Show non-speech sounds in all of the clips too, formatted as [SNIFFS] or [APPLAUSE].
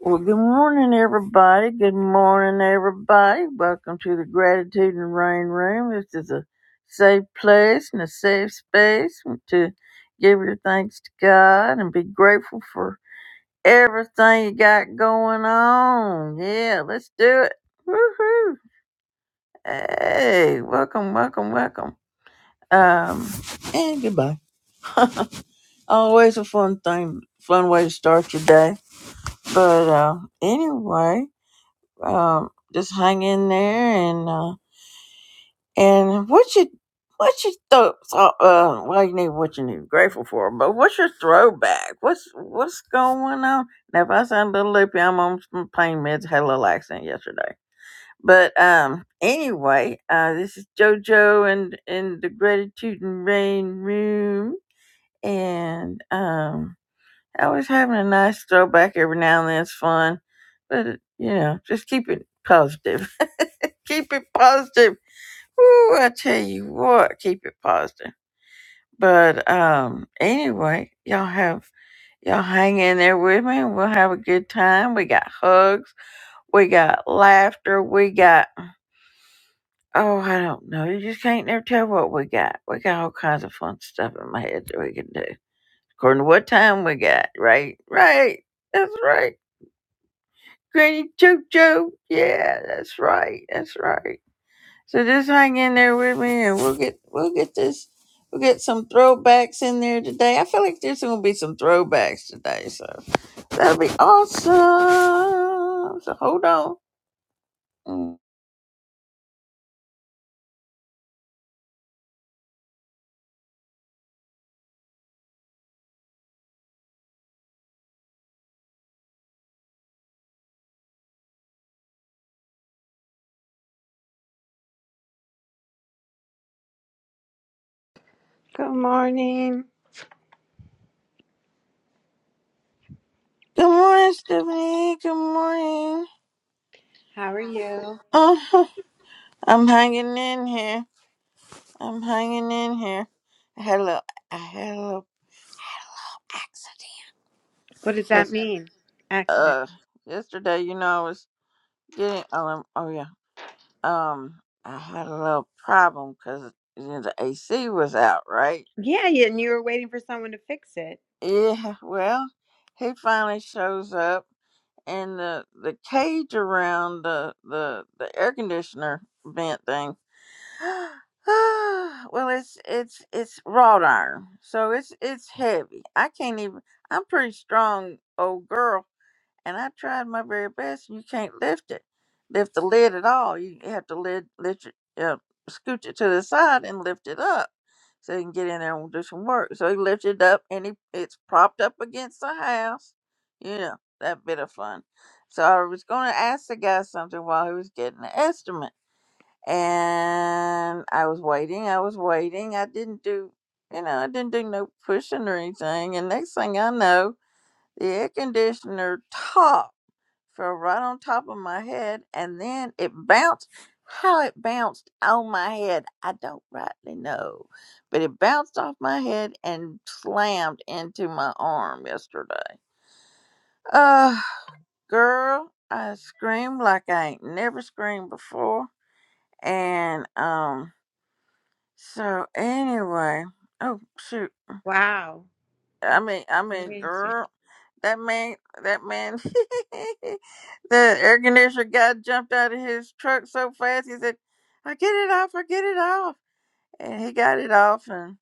Well, good morning, everybody. Good morning, everybody. Welcome to the Gratitude and Rain Room. This is a safe place and a safe space to give your thanks to God and be grateful for everything you got going on. Yeah, let's do it. Woohoo! Hey, welcome, welcome, welcome. Um, and goodbye. Always a fun thing, fun way to start your day. But uh, anyway. um, just hang in there and uh, and what you what you thought uh, uh, well you need what you need grateful for but what's your throwback what's what's going on now if I sound a little loopy I'm on some pain meds had a little accident yesterday but um anyway uh this is JoJo and in the gratitude and rain room and um Always having a nice throwback every now and then is fun, but you know, just keep it positive. [LAUGHS] keep it positive. Ooh, I tell you what, keep it positive. But um, anyway, y'all have y'all hang in there with me. We'll have a good time. We got hugs. We got laughter. We got oh, I don't know. You just can't never tell what we got. We got all kinds of fun stuff in my head that we can do according to what time we got. Right, right. That's right. Granny JoJo. Yeah, that's right. That's right. So just hang in there with me, and we'll get we'll get this we'll get some throwbacks in there today. I feel like there's gonna be some throwbacks today, so that'll be awesome. So hold on. Mm. Good morning. Good morning, Stephanie. Good morning. How are you? Uh-huh. I'm hanging in here. I'm hanging in here. I had a little I had a little accident. What does Yes. that mean? Accident. Uh, yesterday, you know, I was Getting oh, um, oh yeah. Um, I had a little problem because you know, the AC was out, right? Yeah, yeah, and you were waiting for someone to fix it. Yeah. Well, he finally shows up, and the the cage around the the the air conditioner vent thing. [SIGHS] well, it's it's it's wrought iron, so it's it's heavy. I can't even. I'm pretty strong, old girl, and I tried my very best. You can't lift it, lift the lid at all. You have to lid, lift it, uh, scooch it to the side and lift it up so you can get in there and do some work. So he lifted it up and he, it's propped up against the house. You know, that bit of fun. So I was going to ask the guy something while he was getting the estimate. And I was waiting, I was waiting. I didn't do, you know, I didn't do no pushing or anything. And next thing I know, the air conditioner top fell right on top of my head and then it bounced how it bounced on my head i don't rightly know but it bounced off my head and slammed into my arm yesterday uh girl i screamed like i ain't never screamed before and um so anyway oh shoot Wow. I That's mean, I mean, crazy. girl, that man, that man, [LAUGHS] the air conditioner guy jumped out of his truck so fast. He said, "I get it off, I get it off," and he got it off, and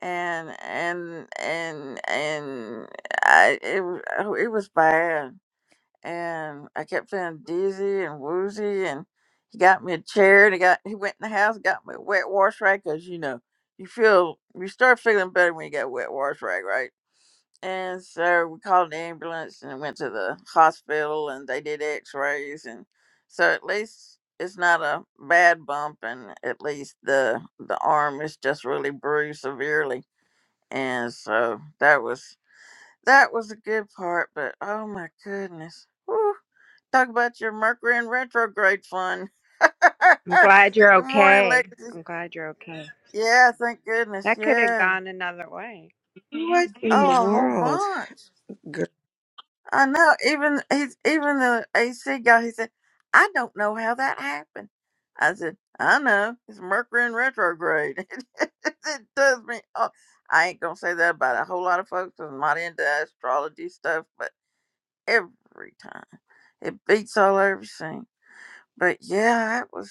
and and and and I it wa- oh, it was bad, and I kept feeling dizzy and woozy, and he got me a chair, and he got he went in the house, got me a wet wash rag, 'cause you know you feel you start feeling better when you got a wet wash rag, right? And so we called the ambulance and went to the hospital and they did x rays and so at least it's not a bad bump and at least the the arm is just really bruised severely. And so that was that was a good part, but oh my goodness. Whew. Talk about your Mercury in retrograde fun. [LAUGHS] I'm glad you're good morning, okay. ladies. I'm glad you're okay. Yeah, thank goodness, That could have yeah. gone another way. What in the Oh, a whole world, bunch. girl? I know. Even he's even the AC guy. He said, "I don't know how that happened." I said, "I know. It's Mercury in retrograde. [LAUGHS] it does me. Oh, I ain't gonna say that about a whole lot of folks. 'cause I'm not into astrology stuff, but every time it beats all everything. But yeah, that was.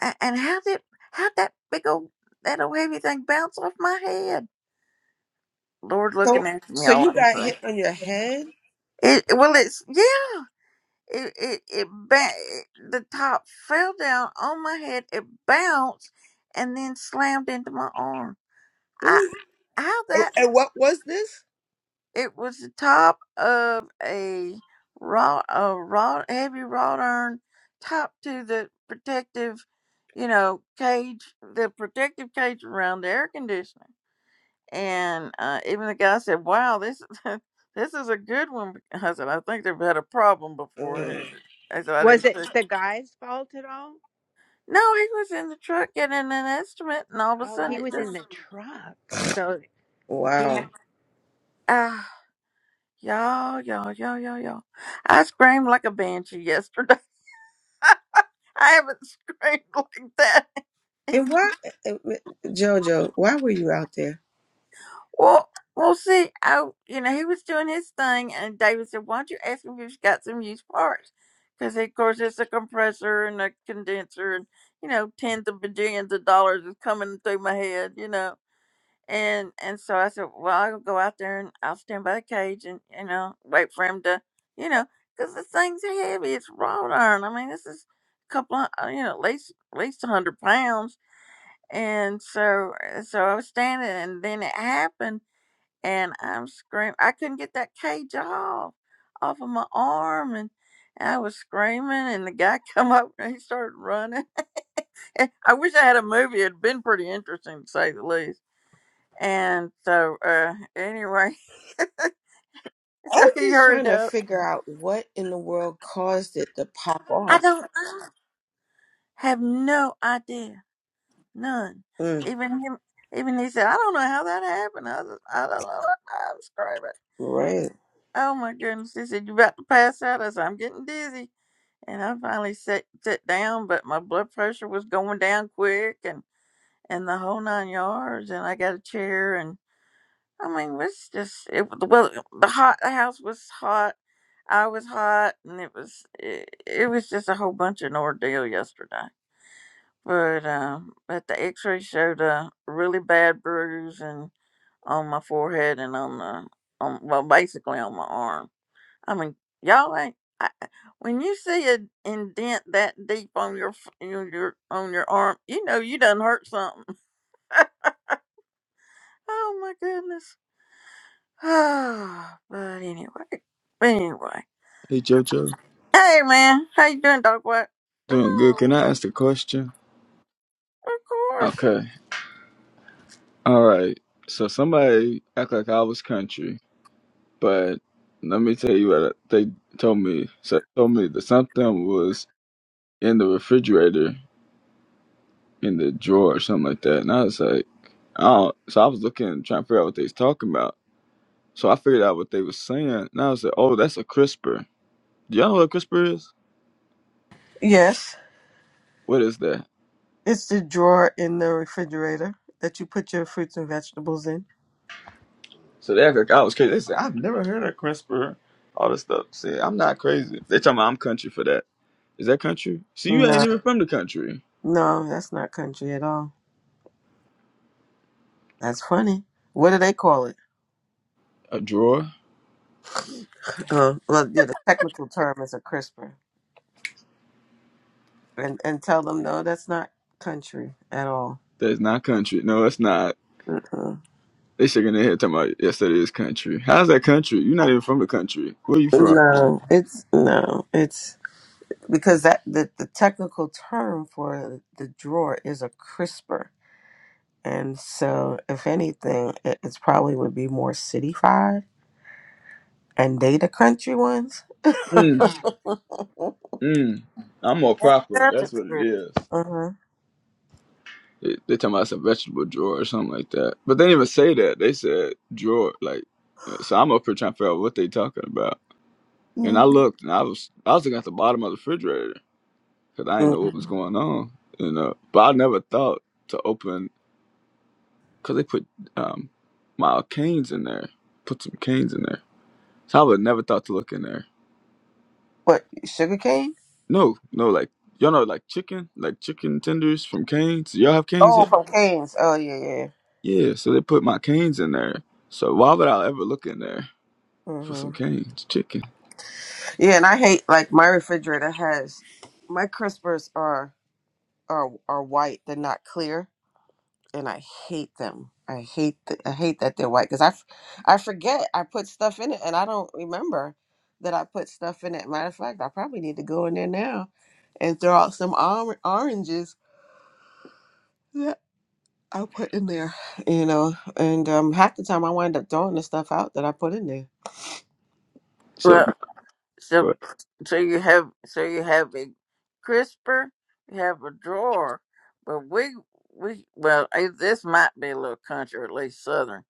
a- And how did how that big old that old heavy thing bounce off my head? Lord, So, looking after me so all you I'm got saying. hit on your head? It well, it's yeah. It it it ba- the top fell down on my head. It bounced and then slammed into my arm. I Ooh. how And that and what was this? it was the top of a raw a raw heavy wrought iron top to the protective, you know, cage the protective cage around the air conditioner. And uh, even the guy said, "Wow, this [LAUGHS] this is a good one." I said, "I think they've had a problem before." Mm, I said, "I do Was too." it [LAUGHS] the guy's fault at all? No, he was in the truck getting an estimate, and all of a Oh, sudden he it was in just the truck. So he wow. had ah, y'all, y'all, y'all, y'all, y'all. I screamed like a banshee yesterday. [LAUGHS] I haven't screamed like that. [LAUGHS] And And why, and- and- Jojo? Why were you out there? well, well, see, I you know he was doing his thing, and David said, "Why don't you ask him if he's got some used parts?" Because of course it's a compressor and a condenser, and you know tens of bajillions of dollars is coming through my head, you know And and so I said, well, I'll go out there and I'll stand by the cage and you know wait for him to, you know, because this thing's heavy. It's wrought iron. I mean, this is a couple of uh, you know at least at least a hundred pounds. And so uh, so I was standing, and then it happened, and I'm screaming. I couldn't get that cage off off of my arm, and I was screaming, and the guy [LAUGHS] come up and he started running. [LAUGHS] I wish I had a movie. It'd been pretty interesting to say the least and so, uh, anyway, [LAUGHS] I'm so he just hurried trying to up. figure out what in the world caused it to pop I off. don't I have no idea, none. Mm, Even him, even he said, I don't know how that happened. I, was- I don't know. I'm screaming. right. Oh my goodness! He said, "You about to pass out?" I said, "I'm getting dizzy." And I finally sat sat down, but my blood pressure was going down quick, and and the whole nine yards. And I got a chair, I mean, it's just it. Well, the hot the house was hot. I was hot, and it was it, it was just a whole bunch of an ordeal yesterday. But um, but the X-ray showed a really bad bruise and on my forehead and on the on well basically on my arm. I mean, y'all ain't. I- when you see an indent that deep on your, f- your your on your arm, you know you done hurt something. [LAUGHS] Oh my goodness. [SIGHS] but anyway, but anyway. Hey Jojo, Hey man, how you doing, dog? What? Come doing good. Can on, I ask a question? of course. Okay. All right. So somebody act like I was country, but let me tell you what they told me. So they told me that something was in the refrigerator, in the drawer, or something like that. And I was like, oh. So I was looking, trying to figure out what they was talking about. So I figured out what they was saying, and I was like, oh, that's a crisper. Do y'all know what a crisper is? Yes, What is that? it's the drawer in the refrigerator that you put your fruits and vegetables in. So they're like, I was crazy. They said, I've never heard of CRISPR. All this stuff. See, I'm not crazy. They talking about I'm country for that. Is that country? See, you ain't No, even from the country. no, that's not country at all. That's funny. What do they call it? A drawer? Uh, well, yeah, the technical term is a crisper, and and tell them no, that's not country at all. That's not country. No, it's not. Mm-mm. They shaking their head talking about, yes, that is country. How's that country? You're not even from the country. Where you from? No, it's no, it's because that the, the technical term for the drawer is a crisper, and so if anything, it it's probably would be more city cityfied, and they the country ones. Mm, [LAUGHS] mm. I'm more Ain't proper. That's the That's what it trip. is. Uh-huh. They, they talking about it's a vegetable drawer or something like that. But they didn't even say that. They said drawer. Like, so I'm up here trying to figure out what they talking about. And Mm-hmm. I looked, and I was I was looking at the bottom of the refrigerator because I didn't know what was Mm-hmm. going on. And uh, but I never thought to open because they put um my canes in there, put some canes in there. So I would never thought to look in there. What sugar cane? No, no, like y'all know like chicken, like chicken tenders from Canes. Y'all have Canes Oh, here? from canes. Oh yeah, yeah. yeah. Yeah, so they put my canes in there. So why would I ever look in there for Mm-hmm. some canes, chicken? Yeah, and I hate like my refrigerator has my crispers are are are white. They're not clear, and I hate them. I hate th- I hate that they're white because I f- I forget I put stuff in it, and I don't remember that I put stuff in it. Matter of fact, I probably need to go in there now and throw out some or- oranges. I put in there, you know, and um, half the time I wind up throwing the stuff out that I put in there. So Well, so so you have so you have a crisper, you have a drawer, but we we well eh, this might be a little country, or at least southern.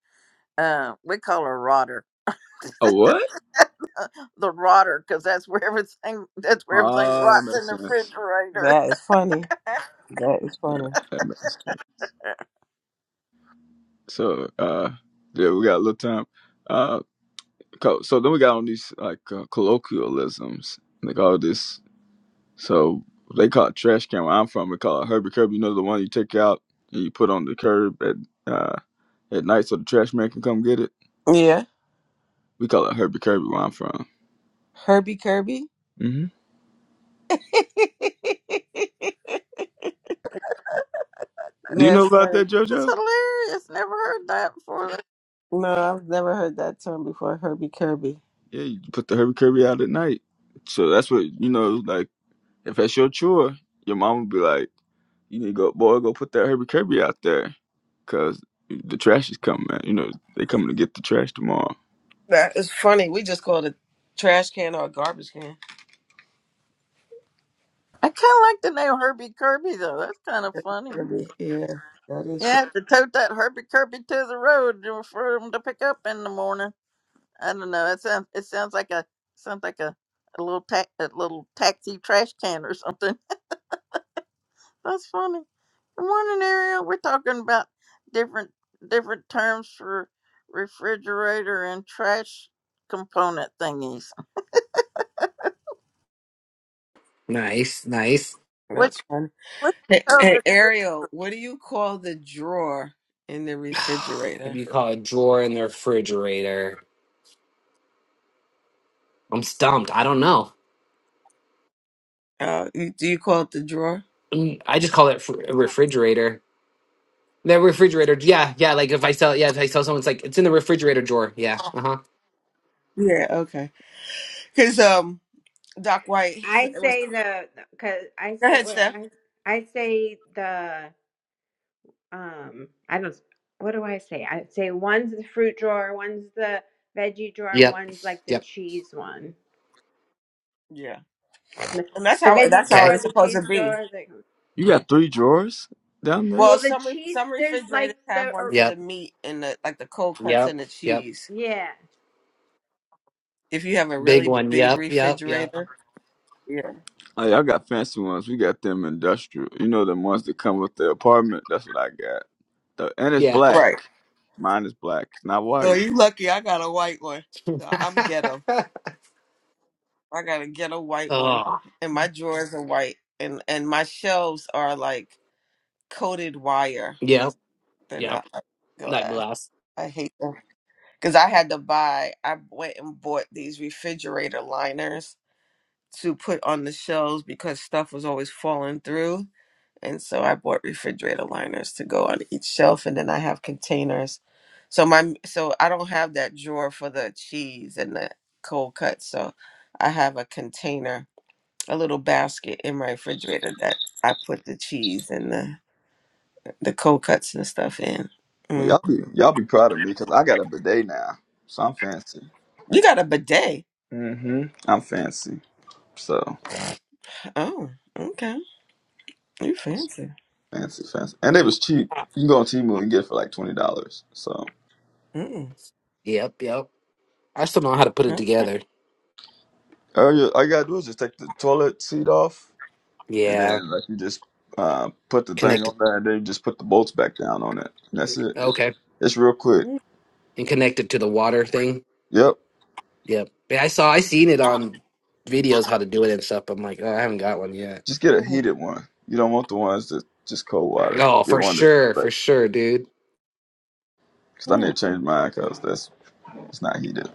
Uh, we call her rotter, a what? the rotter, because that's where everything that's where everything Ah, that rots in makes the sense. refrigerator. That is funny. [LAUGHS] That is Yeah, funny. that makes sense. So uh yeah, we got a little time. Uh co- so then we got on these like uh, colloquialisms, like all this so they call it trash can where I'm from, we call it Herbie Curb, you know the one you take out and you put on the curb at uh at night so the trash man can come get it. Yeah, We call it Herbie Kirby where I'm from. Herbie Kirby. hmm [LAUGHS] Do you know That's about funny. that, That's JoJo? hilarious. Never heard that before. No, I've never heard that term before. Herbie Kirby. Yeah, you put the Herbie Kirby out at night. So that's what you know, like if that's your chore, your mom would be like, You need to go boy, go put that Herbie Kirby out there Cause the trash is coming, man. You know, they coming to get the trash tomorrow. That is funny. We just call it a trash can or a garbage can. I kind of like the name Herbie Kirby though. That's kind of funny. Kirby. Yeah, that is You have to tote that Herbie Kirby to the road for him to pick up in the morning. I don't know. It sounds it sounds like a sounds like a, a little ta- a little taxi trash can or something. [LAUGHS] That's funny. Good morning, Ariel. We're talking about different different terms for refrigerator and trash component thingies. Nice, nice. [SIGHS] What That's fun. what Hey, hey, other [LAUGHS] Ariel, what do you call the drawer in the What refrigerator? do you call a drawer in the refrigerator? I'm stumped. I don't know. Uh, you, do you call it the drawer? Mm, I just call it fr- a refrigerator. The refrigerator. Yeah, yeah. Like if I sell, yeah, if I sell someone, it's like it's in the refrigerator drawer. Yeah. Uh huh. Yeah, okay. Because um, Doc White, it I was. say Go the cuz I say ahead, wait, Steph. I I say the um I don't what do I say? I would say one's the fruit drawer, one's the veggie drawer, and Yep. one's like the Yep. cheese one. Yeah, The and that's the how veggie that's how Okay. drawer, it's the supposed to cheese be. drawer, the You got three drawers down there? Well, well the some re- cheese some there's refrigerators like have the one or, for the Yep. meat and the like the cold cuts and Yep. the Yep. cheese. yeah. If you have a Big really one. big Yep. Yep. Yep. refrigerator, yeah, Oh, y'all got fancy ones. We got them industrial. You know, the ones that come with the apartment. That's what I got. The, and it's Yeah. black. right. Mine is black. It's not Oh, white. you lucky. I got a white one. So I'm ghetto. [LAUGHS] I got a ghetto white one, oh. and my drawers are white, and and my shelves are like coated wire. Yep. They're Yep. not like That glass. glass. I hate them because I had to buy. I went and bought these refrigerator liners to put on the shelves because stuff was always falling through, and so I bought refrigerator liners to go on each shelf, and then I have containers. So my so I don't have that drawer for the cheese and the cold cuts. So I have a container a little basket in my refrigerator that I put the cheese and the the cold cuts and stuff in. Well, Mm. y'all be y'all be proud of me because I got a bidet now, so I'm fancy. You got a bidet? hmm I'm fancy. So Oh, okay. You fancy? fancy, fancy, and it was cheap. You can go on Temu and get it for like twenty dollars. So Mm. Yep. Yep. I still don't know how to put it Okay. together. all you, all you gotta do is just take the toilet seat off and Yeah. then like you just uh, put the thing Connected. on there, and then you just put the bolts back down on it. And that's it. It's, Okay. it's real quick. Mm, And connected to the water thing. Yep. Yep. Yeah, I saw. I seen it on videos how to do it and stuff. But I'm like, oh, I haven't got one yet. Just get a mm, heated one. You don't want the ones that just cold water. No, Get for one that sure, for like, sure, dude. cause I mm. need to change mine, cause that's it's not heated.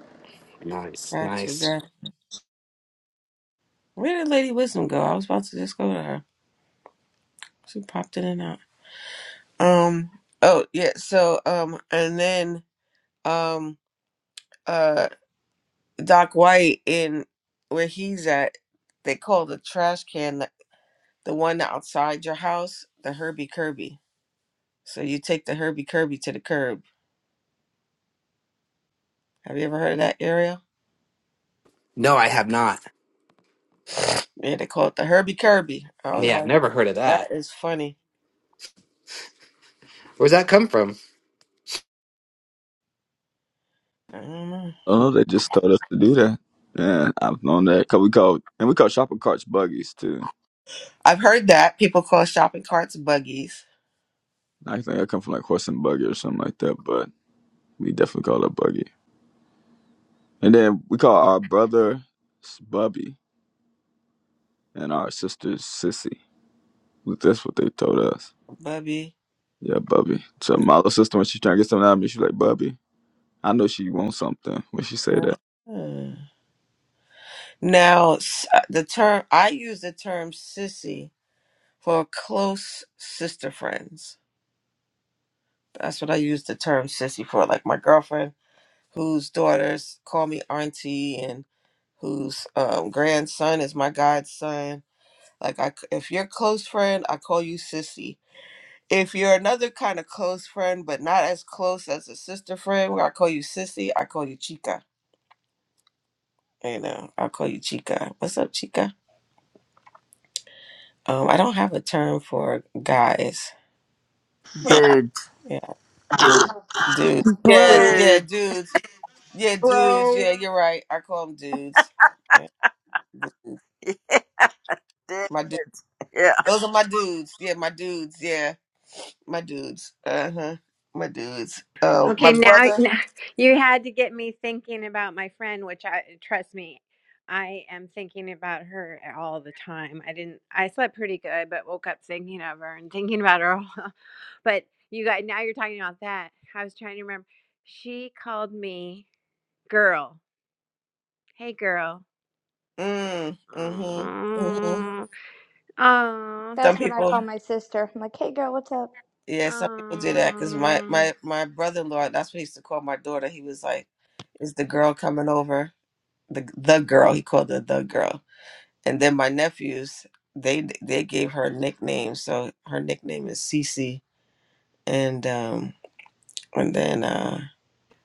Nice, Gotcha. nice. That. Where did Lady Wisdom go? I was about to just go to her. She popped in and out. Um. Oh yeah. So um. And then um. Uh. Doc White in where he's at. They call the trash can. the the one outside your house, the Herbie Kirby. So you take the Herbie Kirby to the curb. Have you ever heard of that area? No, I have not. [SNIFFS] Yeah, they call it the Herbie Kirby. I was Yeah, like, never heard of that that. is funny. Where's that come from? I don't know. Oh, they just told us to do that. Yeah, I've known that. Cause we call and we call shopping carts buggies too. I've heard that people call shopping carts buggies. I think I come from like horse and buggy or something like that, but we definitely call it a buggy. And then we call our brother Bubby and our sister Sissy. That's what they told us. Bubby. Yeah, Bubby. So my little sister, when she trying to get something out of me, she like, Bubby, I know she wants something when she say that. Hmm. Now, s- uh, the term I use the term sissy for close sister friends. That's what I use the term sissy for. Like my girlfriend whose daughters call me auntie and whose um, grandson is my godson. Like, I, c- if you're a close friend, I call you sissy. If you're another kind of close friend, but not as close as a sister friend, where I call you sissy, I call you chica. You know, I call you chica. What's up, chica? Um, I don't have a term for guys. dude Yeah, dude. Yeah, Bro, yeah, dude? dudes. Yeah, dudes. bro. Yeah, you're right. I call them dudes. Yeah, dudes. [LAUGHS] My dude? Those are my dudes. Yeah, my dudes. Yeah, my dudes. Uh huh. My dudes. Uh, my Okay, now, brother. now you had to get me thinking about my friend, which I trust me, I am thinking about her all the time. I didn't, I slept pretty good, but woke up thinking of her and thinking about her. all- [LAUGHS] But you guys, now you're talking about that. I was trying to remember. She called me girl. Hey, girl. Mm. Mm-hmm. Mm-hmm. Oh, Oh, Some That's what I people. call my sister. I'm like, hey girl, what's up? Yeah, some people do that because my oh, my my brother-in-law. That's what he used to call my daughter. He was like, "Is the girl coming over?" The the girl. He called her the girl. And then my nephews. They they gave her nicknames. So her nickname is Cece. And um and then uh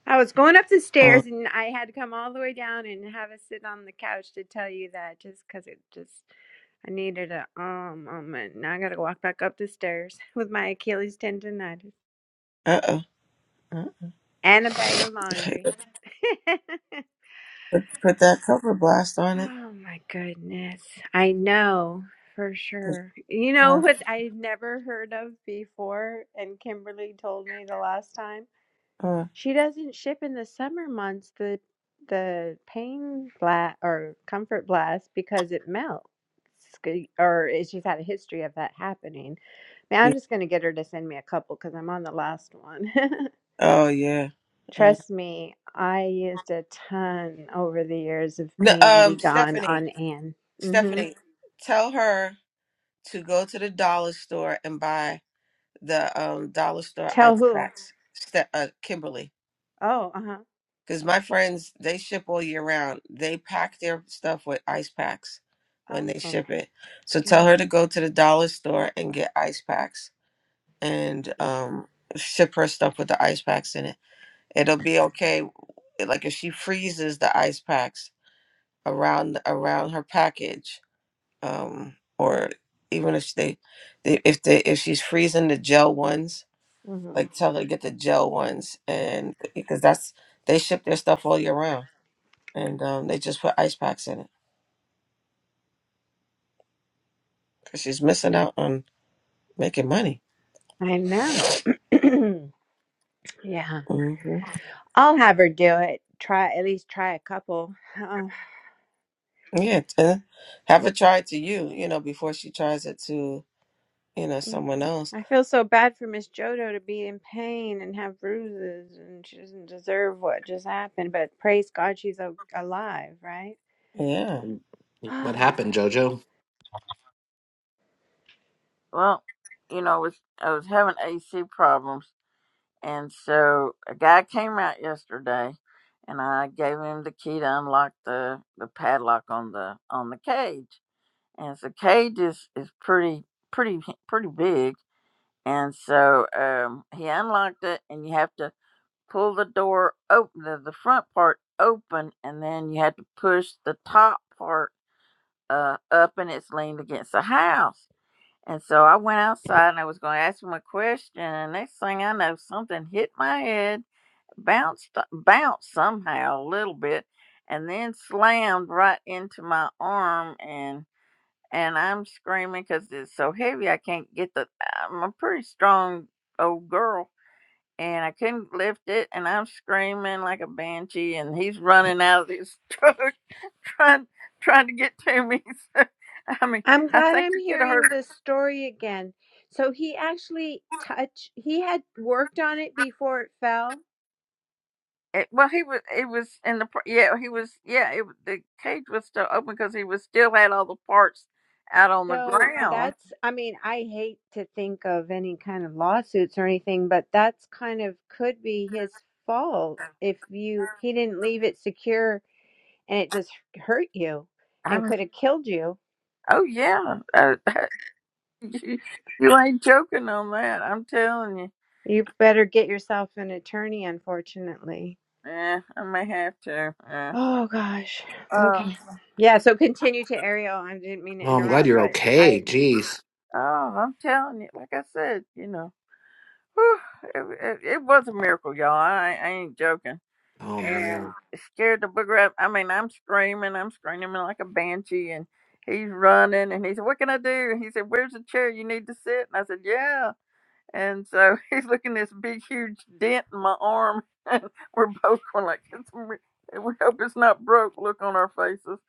I was going up the uh stairs and I had to come all the way down and have a sit on the couch to tell you that just 'cause it just I needed a um moment. Now I gotta walk back up the stairs [LAUGHS] with my Achilles tendonitis uh and a bag of oh. laundry. [LAUGHS] Put, put that cover blast on it. oh my goodness. I know for Put, sure. You know uh, what I've never heard of before and Kimberly told me the last time? uh, She doesn't ship in the summer months the the Pain Blast or Comfort Blast because it melts. Sc- Or is- she's had a history of that happening. Man, yeah. I'm just gonna get her to send me a couple because I'm on the last one. [LAUGHS] oh yeah. Uh, Trust me, I used a ton over the years of no, Pain Be um, Gone Stephanie, on Anne. hmm Stephanie, tell her to go to the dollar store and buy the um dollar store Tell ice who? packs. Ste- uh, Kimberly, Oh, uh huh. because my friends they ship all year round. They pack their stuff with ice packs when they Oh, ship it. So tell her to go to the dollar store and get ice packs and um ship her stuff with the ice packs in it. It'll be okay like if she freezes the ice packs around around her package um or even if they, they if they if she's freezing the gel ones hmm like tell her to get the gel ones and because that's they ship their stuff all year round and um they just put ice packs in it because she's missing out on making money I know. [CLEARS THROAT] yeah. hmm I'll have her do it. Try at least try a couple. Oh, yeah t- have it tried to you you know before she tries it to you know mm. someone else I feel so bad for Miss Jodo to be in pain and have bruises, and she doesn't deserve what just happened. But praise God, she's a- alive, right? yeah Um, What [SIGHS] happened, Jojo? Well, you know, I was I was having AC problems, and so a guy came out yesterday, and I gave him the key to unlock the the padlock on the on the cage, and the cage is is pretty pretty pretty big, and so um, he unlocked it, and you have to pull the door open, the, the front part open, and then you have to push the top part uh, up, and it's leaned against the house and so I went outside and I was going to ask him a question. And next thing I know, something hit my head, bounced, bounced somehow a little bit, and then slammed right into my arm. And and I'm screaming because it's so heavy. I can't get the. I'm a pretty strong old girl, and I couldn't lift it. And I'm screaming like a banshee. And he's running out of his [LAUGHS] truck, trying trying to get to me. [LAUGHS] So, I mean, I'm I glad think I'm he could have heard hearing this story again. So he actually touched. He had worked on it before it fell. It, well, he was It was in the pr- yeah he was yeah it, was- the cage was still open because he was still had all the parts out on the So ground. that's, I mean, I hate to think of any kind of lawsuits or anything, but that's kind of could be his fault if you, he didn't leave it secure and it just hurt you I and mean, could have killed you. oh yeah, uh, [LAUGHS] you, you ain't joking on that. I'm telling you. You better get yourself an attorney, unfortunately. Yeah, I may have to. Yeah. Oh gosh. Uh, Okay. Yeah, so continue to Ariel. I didn't mean to Oh, I'm glad interrupt, you're but I okay. Jeez. oh, I'm telling you. Like I said, you know, whew, it, it, it was a miracle, y'all. I, I ain't joking. Oh and man. scared the booger up. I mean, I'm screaming, I'm screaming like a banshee, and he's running, and he said, "What can I do?" And he said, "Where's the chair you need to sit?" And I said, "Yeah." And so [LAUGHS] he's looking at this big, huge dent in my arm, [LAUGHS] and we're both going like, it's, "We hope it's not broke." Look on our faces,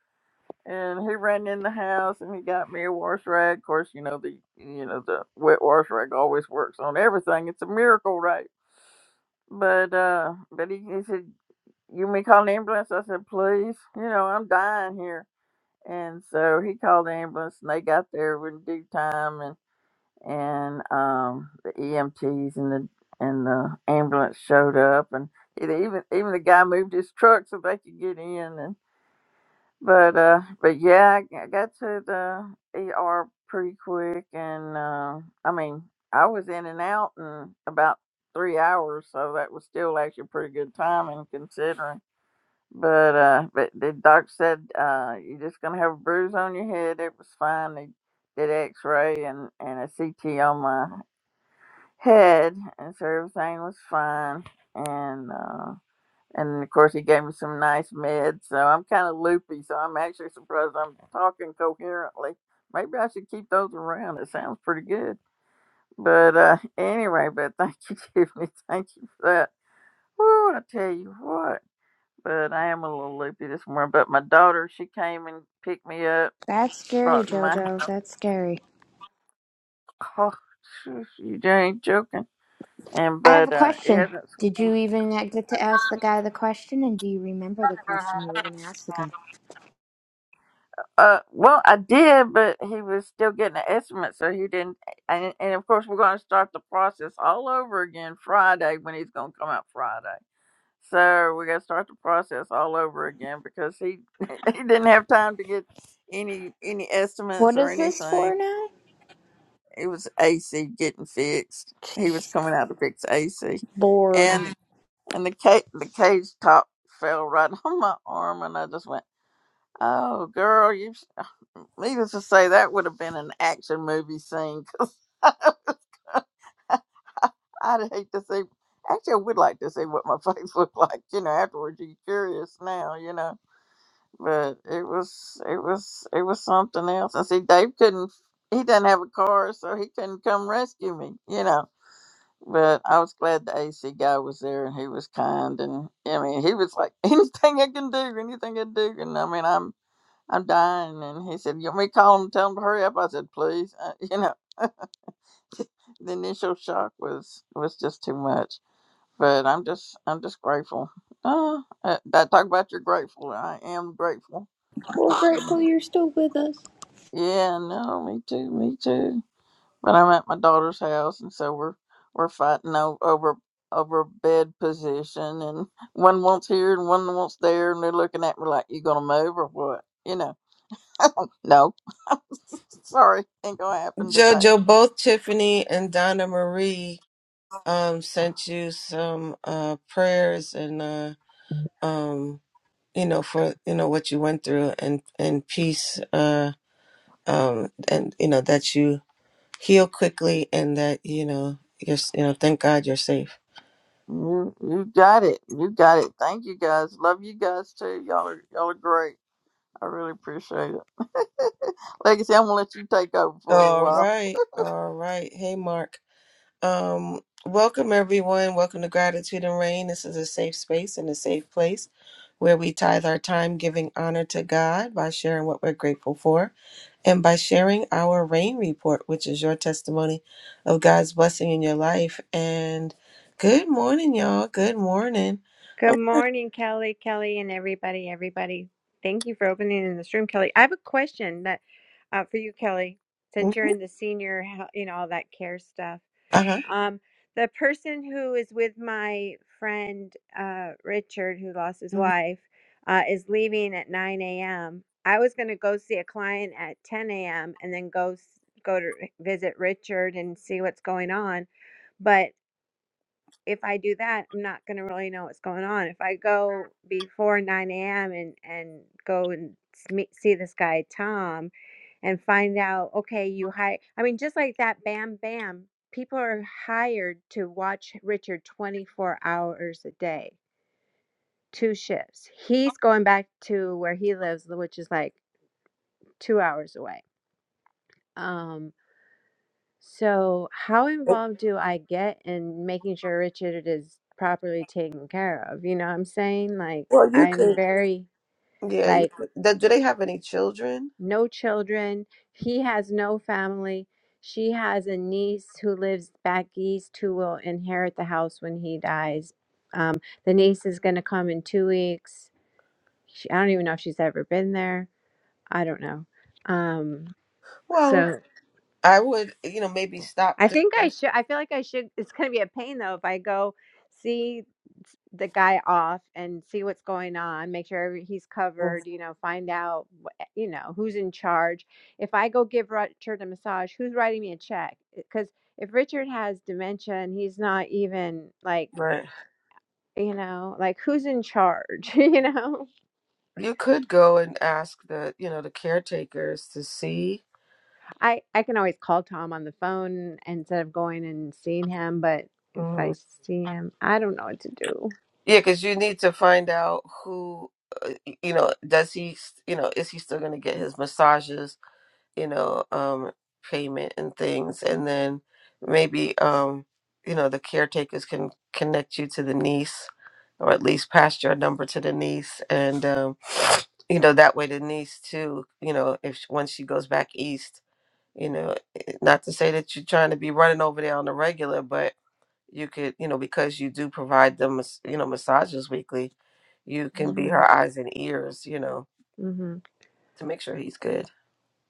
and he ran in the house and he got me a wash rag. Of course, you know the you know the wet wash rag always works on everything. It's a miracle, right? But uh, but he, he said, "You may call an ambulance." I said, "Please, you know I'm dying here." And so he called the ambulance, and they got there in due time, and and um, the EMTs and the and the ambulance showed up, and it even even the guy moved his truck so they could get in, but uh, but yeah, I I got to the ER pretty quick, and uh, I mean, I was in and out in about three hours, so that was still actually pretty good timing considering. But uh, but the doc said uh, you're just gonna have a bruise on your head. It was fine. They did X-ray and and a CT on my head, and so everything was fine. And uh, and of course, he gave me some nice meds. So I'm kind of loopy. So I'm actually surprised I'm talking coherently. Maybe I should keep those around. It sounds pretty good. But uh, anyway, but thank you, [LAUGHS] Tiffany. Thank you for that. Woo, I tell you what. But I am a little loopy this morning. But my daughter, she came and picked me up, That's scary, brought me my. JoJo. That's scary. Oh, you ain't joking. And I have but a uh, question. it hasn't. Did you even get to ask the guy the question? And do you remember the swum. question you were going to ask the guy? Uh, well, I did, but he was still getting the estimate, so he didn't. And, and of course, we're going to start the process all over again Friday when he's going to come out Friday. So we're going to start the process all over again because he [LAUGHS] he didn't have time to get any any estimates What or is this anything. for now? It was AC getting fixed. He was coming out to fix AC, Lord. and Right. and the cage the cage top fell right [LAUGHS] on my arm, and I just went, "Oh, girl, you!" Needless to say, that would have been an action movie scene. 'cause [LAUGHS] I'd hate to see. Actually, I would like to see what my [LAUGHS] face looked like. You know, afterwards, you're curious now. You know, but it was it was it was something else. And see, Dave couldn't. He didn't have a car, so he couldn't come rescue me. You know. But I was glad the AC guy was there, and he was kind, and I mean, he was like, [LAUGHS] anything I can do, anything I do, and I mean, I'm I'm dying, and he said, you want me to call him, tell him to hurry up? I said, please, uh, [LAUGHS] you know. the initial shock was was just too much. But I'm just I'm just grateful. Ah, Uh, I, I talk about you're grateful. I am grateful. We're grateful you're still with us. Yeah, no, me too, me too. But I'm at my daughter's house, and so we're we're fighting o- over over bed position, and one wants here and one wants there, and they're looking at me like, "You gonna move or what?" You know, no, [LAUGHS] sorry, ain't gonna happen today. jojo both tiffany and donna marie um sent you some uh prayers and uh um you know for you know what you went through and and peace uh um and you know that you heal quickly and that you know you're s- you know thank God you're safe. You you got it. You got it. Thank you guys. Love you guys too. Y'all are y'all are great. I really appreciate it. [LAUGHS] Legacy, I'm gonna let you take over for a little All while. right. All right. Hey Mark. Um welcome everyone. Welcome to Gratitude and Rain. This is a safe space and a safe place where we tithe our time giving honor to God by sharing what we're grateful for and by sharing our rain report, which is your testimony of God's blessing in your life. And good morning, y'all. Good morning. Oh, Good morning, Kelly, Kelly, and everybody, everybody. Thank you for opening in this room, Kelly. I have a question that uh, for you, Kelly, since you're mhm. in the senior, hel- you know, all that care stuff. Uh-huh. Um, the person who is with my friend uh, Richard, who lost his Mhm. wife, uh, is leaving at 9 a.m. I was going to go see a client at 10 a.m. and then go s- go to visit Richard and see what's going on, but if I do that, I'm not going to really know what's going on. If I go before 9 a.m. and, and go and s- meet, see this guy, Tom, and find out, okay, you hire, I mean, just like that, bam, bam, people are hired to watch Richard 24 hours a day, two shifts. He's going back to where he lives, which is like two hours away. Um, So, how involved do I get in making sure Richard is properly taken care of? You know what I'm saying? Like, Well, you I'm could. very, Yeah, you like, could. Do do they have any children? no children. He has no family. She has a niece who lives back east who will inherit the house when he dies. Um, the niece is going to come in two weeks. She, I don't even know if she's ever been there. I don't know. Um, Well, so I would, you know, maybe stop. I The, think I should. I feel like I should. It's going to be a pain though if I go see s- the guy off and see what's going on, make sure every- he's Mhm. covered, you know, find out, wh- eh, you know, who's in charge. If I go give Richard a massage, who's writing me a check? Because if Richard has dementia and he's not even like, right. you know, like who's in charge? [LAUGHS] you know, You could go and ask the, you know, the caretakers to see. I I can always call Tom on the phone instead of going and seeing him, but if I Mhm. see him, I don't know what to do. Yeah, because you need to find out who, uh, y- you know, does he, s- you know, is he still going to get his massages? you know, um, payment and things, and then maybe um, you know the caretakers can connect you to the niece, or at least pass your number to the niece, and um, you know that way the niece too, you know, if sh- once she goes back east, you know, eh, not to say that you're trying to be running over there on the regular, but you could, you know, because you do provide them, mas- you know, massages weekly, you can be her eyes and ears, you know, hmm to make sure he's good.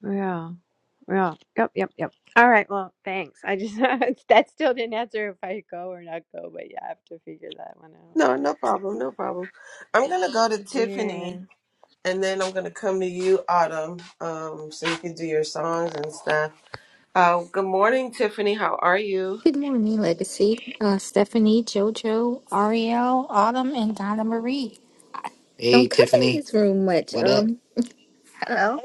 Yeah. Yeah. Yep. Yep. Yep. All right. Well, thanks. I just [LAUGHS] that still didn't answer if I go or not go, but yeah, I have to figure that one out. No, no problem, no problem. I'm gonna go to Yeah. Tiffany, and then I'm gonna come to you, Autumn, um, so you can do your songs and stuff. Uh, good morning, Tiffany. How are you? Good morning, Legacy. Uh, Stephanie, JoJo, Ariel, Autumn, and Donna Marie. Hey, Don't come in Tiffany. this room much. What up? Um, hello.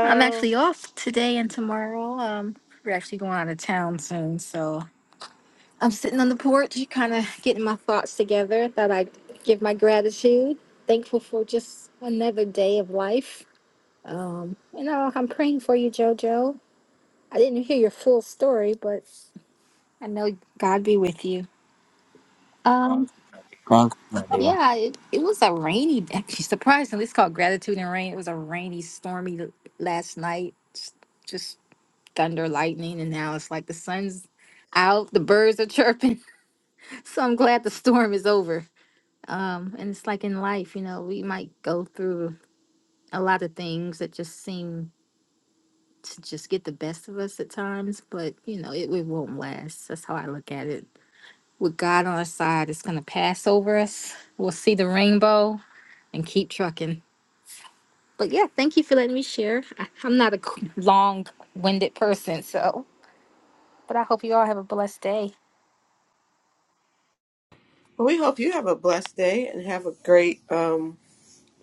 I'm actually off today and tomorrow. Um, we're actually going out of town soon, so I'm sitting on the porch, kind of getting my thoughts together. Thought I'd give my gratitude. Thankful for just another day of life. Um, you know, I'm praying for you, JoJo. I didn't hear your full story, but I know God be with you. Um. Thank you, my dear. Yeah, it, it was a rainy Actually, [LAUGHS] Surprisingly, it's called Gratitude and Rain. It was a rainy, stormy l- last night. s- Just thunder, lightning, and now it's like the sun's out, the birds are chirping. [LAUGHS] So I'm glad the storm is over. Um, and it's like in life, you know, we might go through a lot of things that just seem to just get the best of us at times, but you know, it, it won't last. That's how I look at it. With God on our side, it's gonna pass over us. We'll see the rainbow and keep trucking. But yeah, thank you for letting me share. I, I'm not a long winded person, so, but I hope you all have a blessed day. Well, we hope you have a blessed day and have a great, um,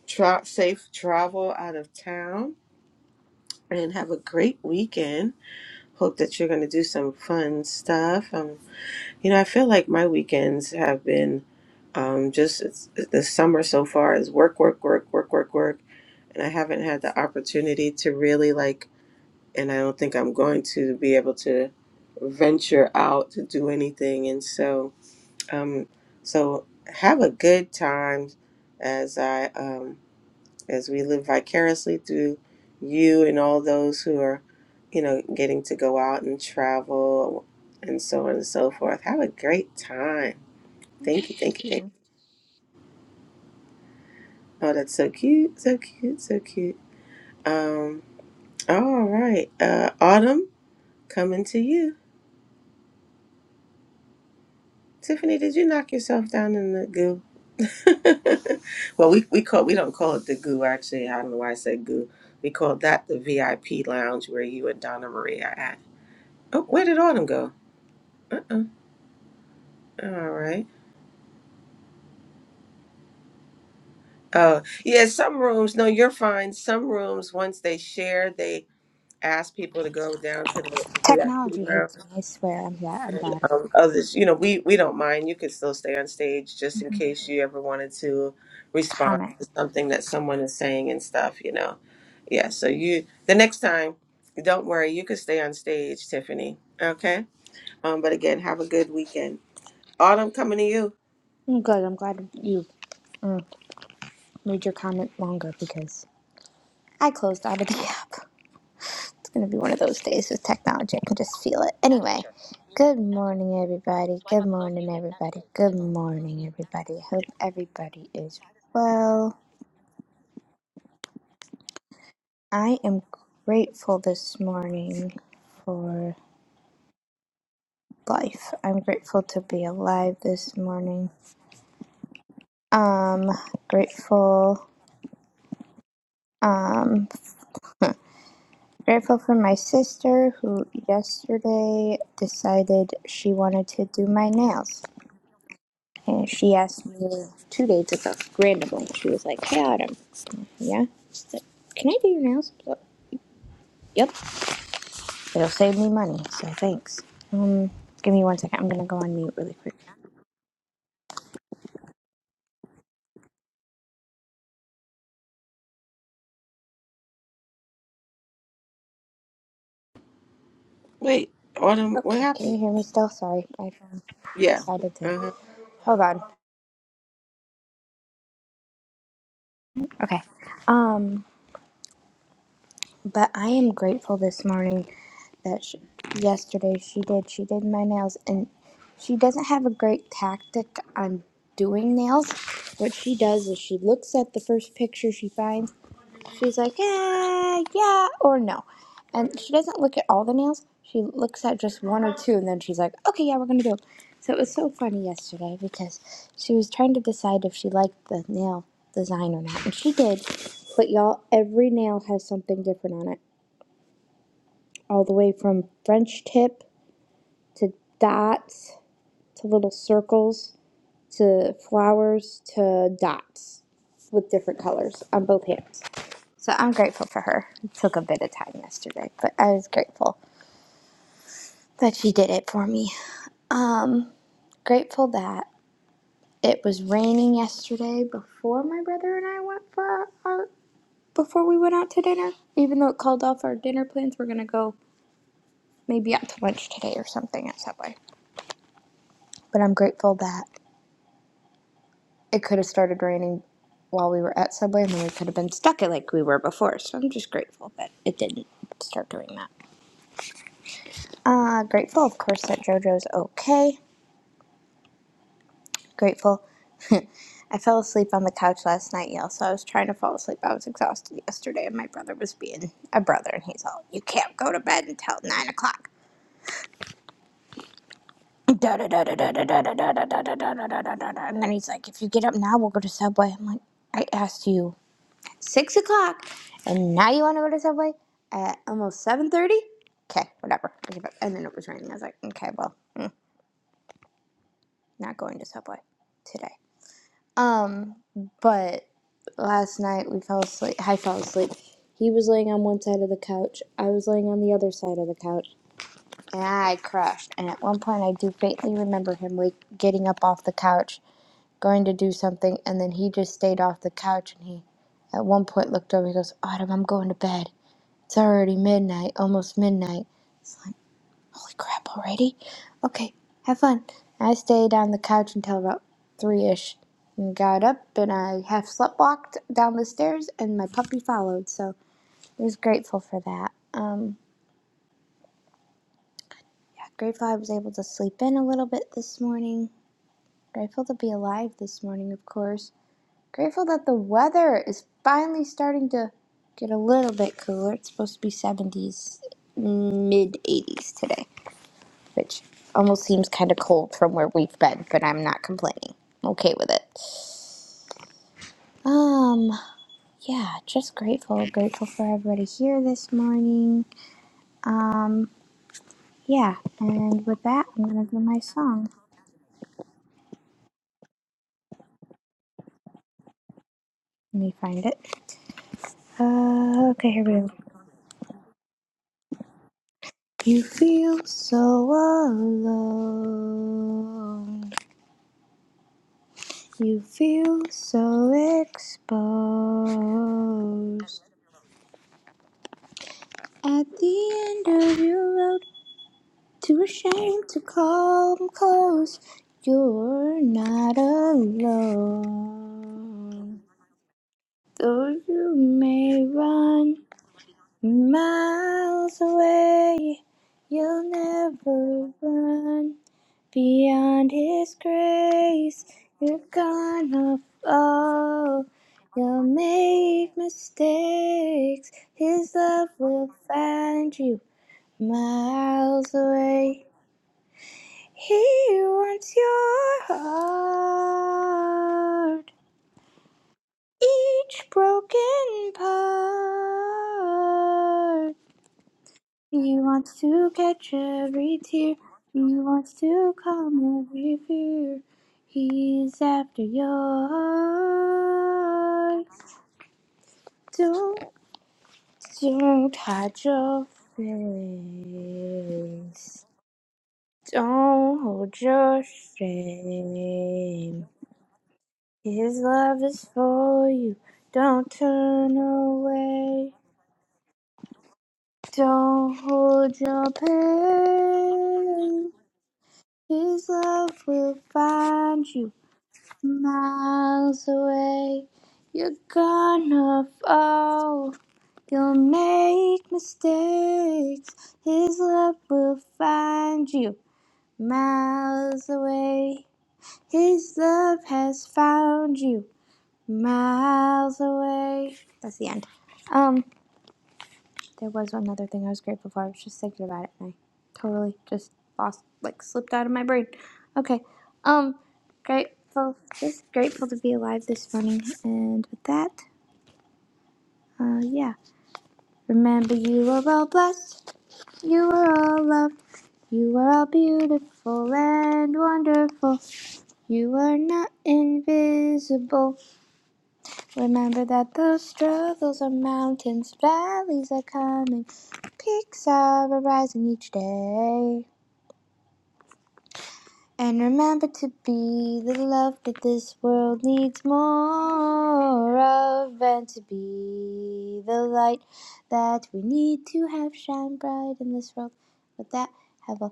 tra- safe travel out of town, and have a great weekend. Hope that you're gonna do some fun stuff. Um, you know, I feel like my weekends have been, um, just it's, the summer so far is work, work, work, work, work, work and I haven't had the opportunity to really like, and I don't think I'm going to be able to venture out to do anything. And so, um, so have a good time as I, um, as we live vicariously through you and all those who are, you know, getting to go out and travel and so on and so forth. Have a great time. Thank you, thank you, thank you. Oh, that's so cute, so cute, so cute. Um, all right, uh, Autumn. Coming to you. Tiffany, did you knock yourself down in the goo? [LAUGHS] well, we, we call we don't call it the goo actually. I don't know why I said goo. We call that the VIP lounge where you and Donna Marie are at. Oh, where did Autumn go? Uh-uh. All right. Oh, yeah, some rooms, no, you're fine. Some rooms once they share, they ask people to go down to the VIP Technology lounge. hates me. I swear. I'm back. I'm back. um, others, you know, we we don't mind. You could still stay on stage just in case you ever wanted to respond Comment. to something that someone is saying and stuff, you know. Yeah, so you the next time, don't worry, you could stay on stage, Tiffany. Okay? Um, but again, have a good weekend. Autumn coming to you. I'm good. I'm glad you mm, made your comment longer because I closed out of the [LAUGHS] app. It's gonna be one of those days with technology. I can just feel it. Anyway, good morning, everybody. Good morning, everybody. Good morning, everybody. I hope everybody is well. I am grateful this morning for life. I'm grateful to be alive this morning. Um, grateful. Um, [LAUGHS] grateful for my sister who yesterday decided she wanted to do my nails. And she asked me two days ago, randomly. She was like, Hey, Autumn. Yeah? She's like, Can I do your nails? I was like, Yep. It'll save me money, so thanks. Um, give me one second. I'm going to go on mute really quick. Wait, Autumn, what Okay, can happened? you hear me still? Sorry, I um, Yeah. decided to. Uh-huh. Hold on. Okay. Um, But I am grateful this morning that she, yesterday she did. She did my nails, and she doesn't have a great tactic on doing nails. What she does is she looks at the first picture she finds. She's like, eh, yeah, or no. And she doesn't look at all the nails. She looks at just one or two, and then she's like, okay, yeah, we're going to do it. So it was so funny yesterday because she was trying to decide if she liked the nail design or not. And she did. But y'all, every nail has something different on it all the way from French tip to dots to little circles to flowers to dots with different colors on both hands. So I'm grateful for her. It took a bit of time yesterday, but I was grateful that she did it for me. Um, grateful that it was raining yesterday before my brother and I went for our, our before we went out to dinner. Even though it called off our dinner plans, we're gonna go maybe out to lunch today or something at Subway. But I'm grateful that it could have started raining while we were at Subway, and then we could have been stuck at like we were before. So I'm just grateful that it didn't start doing that. Uh, grateful, of course, that JoJo's okay. Grateful. [LAUGHS] I fell asleep on the couch last night, y'all, so I was trying to fall asleep. I was exhausted yesterday, and my brother was being a brother, and he's all, You can't go to bed until 9 o'clock. Da da da da da da da da da da da da da da da da. And then he's like, If you get up now, we'll go to Subway. I'm like, I asked you six o'clock, and now you want to go to Subway at almost seven thirty. Okay, whatever. And then it was raining. I was like, okay, well, mm, not going to Subway today. Um, but last night we fell asleep. I fell asleep. He was laying on one side of the couch. I was laying on the other side of the couch, and I crashed. And at one point, I do faintly remember him wake, getting up off the couch, going to do something, and then he just stayed off the couch. And he, at one point, looked over. He goes, "Autumn, I'm going to bed." It's already midnight, almost midnight. It's like, holy crap, already? Okay, have fun. I stayed on the couch until about three ish and got up and I half slept walked down the stairs and my puppy followed, so I was grateful for that. Um, yeah, grateful I was able to sleep in a little bit this morning. Grateful to be alive this morning, of course. Grateful that the weather is finally starting to get a little bit cooler. It's supposed to be 70s, mid 80s today. which almost seems kind of cold from where we've been, but I'm not complaining. I'm okay with it. Um, yeah, just grateful. Grateful for everybody here this morning. Um, yeah, and with that, I'm gonna do my song. Let me find it. Uh, okay, here we go. You feel so alone. You feel so exposed. At the end of your Too ashamed to come close. You're not alone. Though you may run miles away, you'll never run beyond His grace. You're gonna fall. You'll make mistakes. His love will find you miles away. He wants your heart, each broken part. He wants to catch every tear, he wants to calm every fear. He's after your heart. Don't, don't hide your face. Don't hold your shame. His love is for you. Don't turn away. Don't hold your pain. His love will find you miles away. You're gonna fall. You'll make mistakes. His love will find you miles away. His love has found you. miles away. That's the end. Um, there was one other thing I was grateful for. I was just thinking about it, and I totally just lost, like, slipped out of my brain. Okay. Um, grateful, just grateful to be alive this morning. And with that, uh, yeah. Remember, you are all blessed. You are all loved. You are all beautiful and wonderful. You are not invisible. Remember that those struggles are mountains, valleys are coming, peaks are arising each day. And remember to be the love that this world needs more of, and to be the light that we need to have shine bright in this world. With that, have a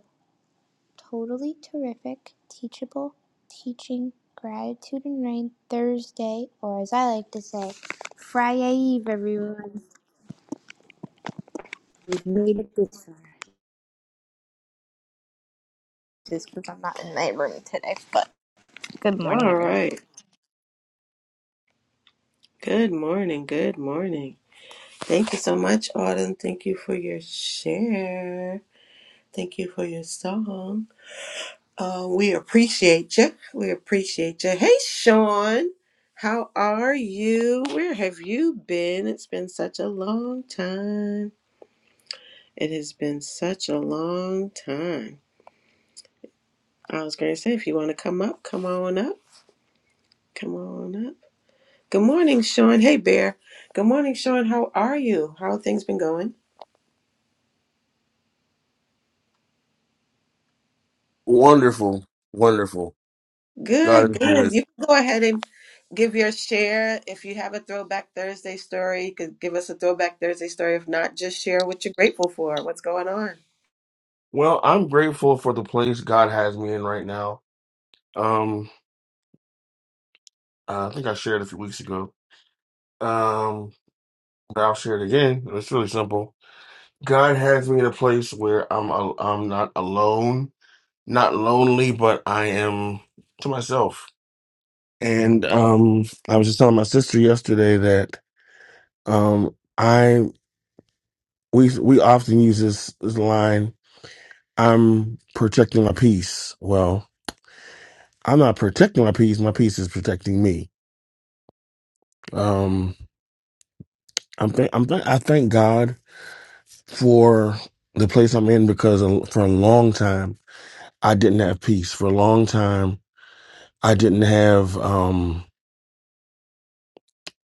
totally terrific, teachable, teaching, gratitude and rain Thursday, or as I like to say, Friday Eve, everyone. we made it this far. Just because I'm not in my room today. But good morning, All everyone. right. Good morning. Good morning. Thank you so much, Autumn. Thank you for your share. Thank you for your song. Uh, we appreciate you. We appreciate you. Hey, Sean, how are you? Where have you been? It's been such a long time. It has been such a long time. I was going to say, if you want to come up, come on up. Come on up. Good morning, Sean. Hey, Bear. Good morning, Sean. How are you? How have things been going? Wonderful, wonderful. God Good, is good. good. You can go ahead and give your share. If you have a Throwback Thursday story, you could give us a Throwback Thursday story. If not, just share what you're grateful for, what's going on. Well, I'm grateful for the place God has me in right now. Um, uh, I think I shared a few weeks ago. Um, but I'll share it again. It's really simple. God has me in a place where I'm al- I'm not alone, not lonely, but I am to myself. And um, I was just telling my sister yesterday that um, I we we often use this, this line. I'm protecting my peace. Well, I'm not protecting my peace. My peace is protecting me. Um, I'm th- I'm th- I thank God for the place I'm in because a- for a long time I didn't have peace. For a long time I didn't have um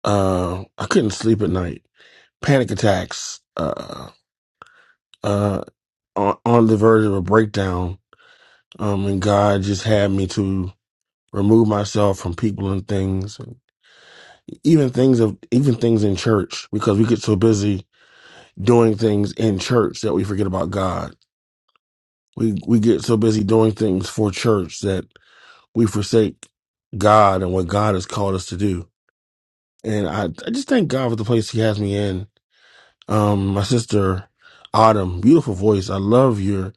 uh I couldn't sleep at night. Panic attacks. Uh uh on, on the verge of a breakdown. Um, and God just had me to remove myself from people and things, even things of even things in church because we get so busy doing things in church that we forget about God. We we get so busy doing things for church that we forsake God and what God has called us to do. And I, I just thank God for the place He has me in. Um, my sister Autumn, beautiful voice. I love your.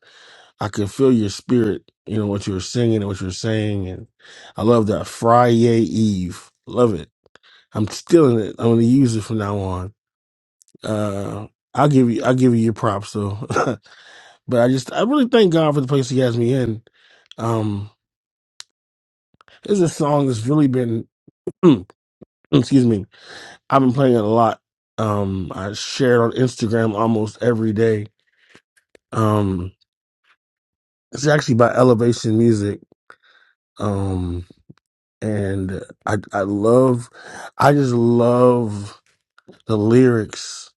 I could feel your spirit. You know what you were singing and what you were saying, and I love that Friday Eve. Love it. I'm stealing it. I'm gonna use it from now on. Uh, I'll give you. I'll give you your props though. [LAUGHS] But I just I really thank God for the place He has me in. Um, this is a song that's really been [CLEARS THROAT] excuse me. I've been playing it a lot. Um, I share it on Instagram almost every day. Um, it's actually by Elevation Music. Um, and I I love I just love the lyrics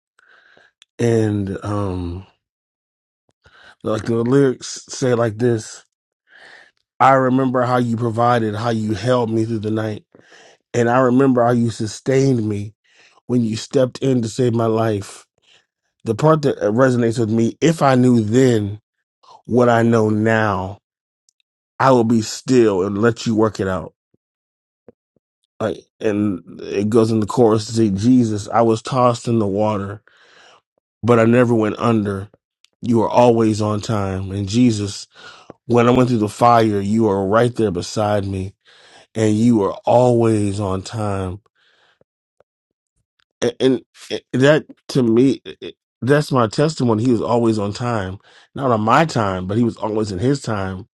and um like the lyrics say it like this. I remember how you provided, how you held me through the night, and I remember how you sustained me. when you stepped in to save my life. The part that uh, resonates with me, if I knew then what I know now, I would be still and let you work it out. Like, and it goes in the chorus to say, Jesus, I was tossed in the water, but I never went under. You are always on time. And Jesus, when I went through the fire, you are right there beside me and you are always on time. and, and and that to me it- it- that's my testimony he was always on time not on my time but he was always in his time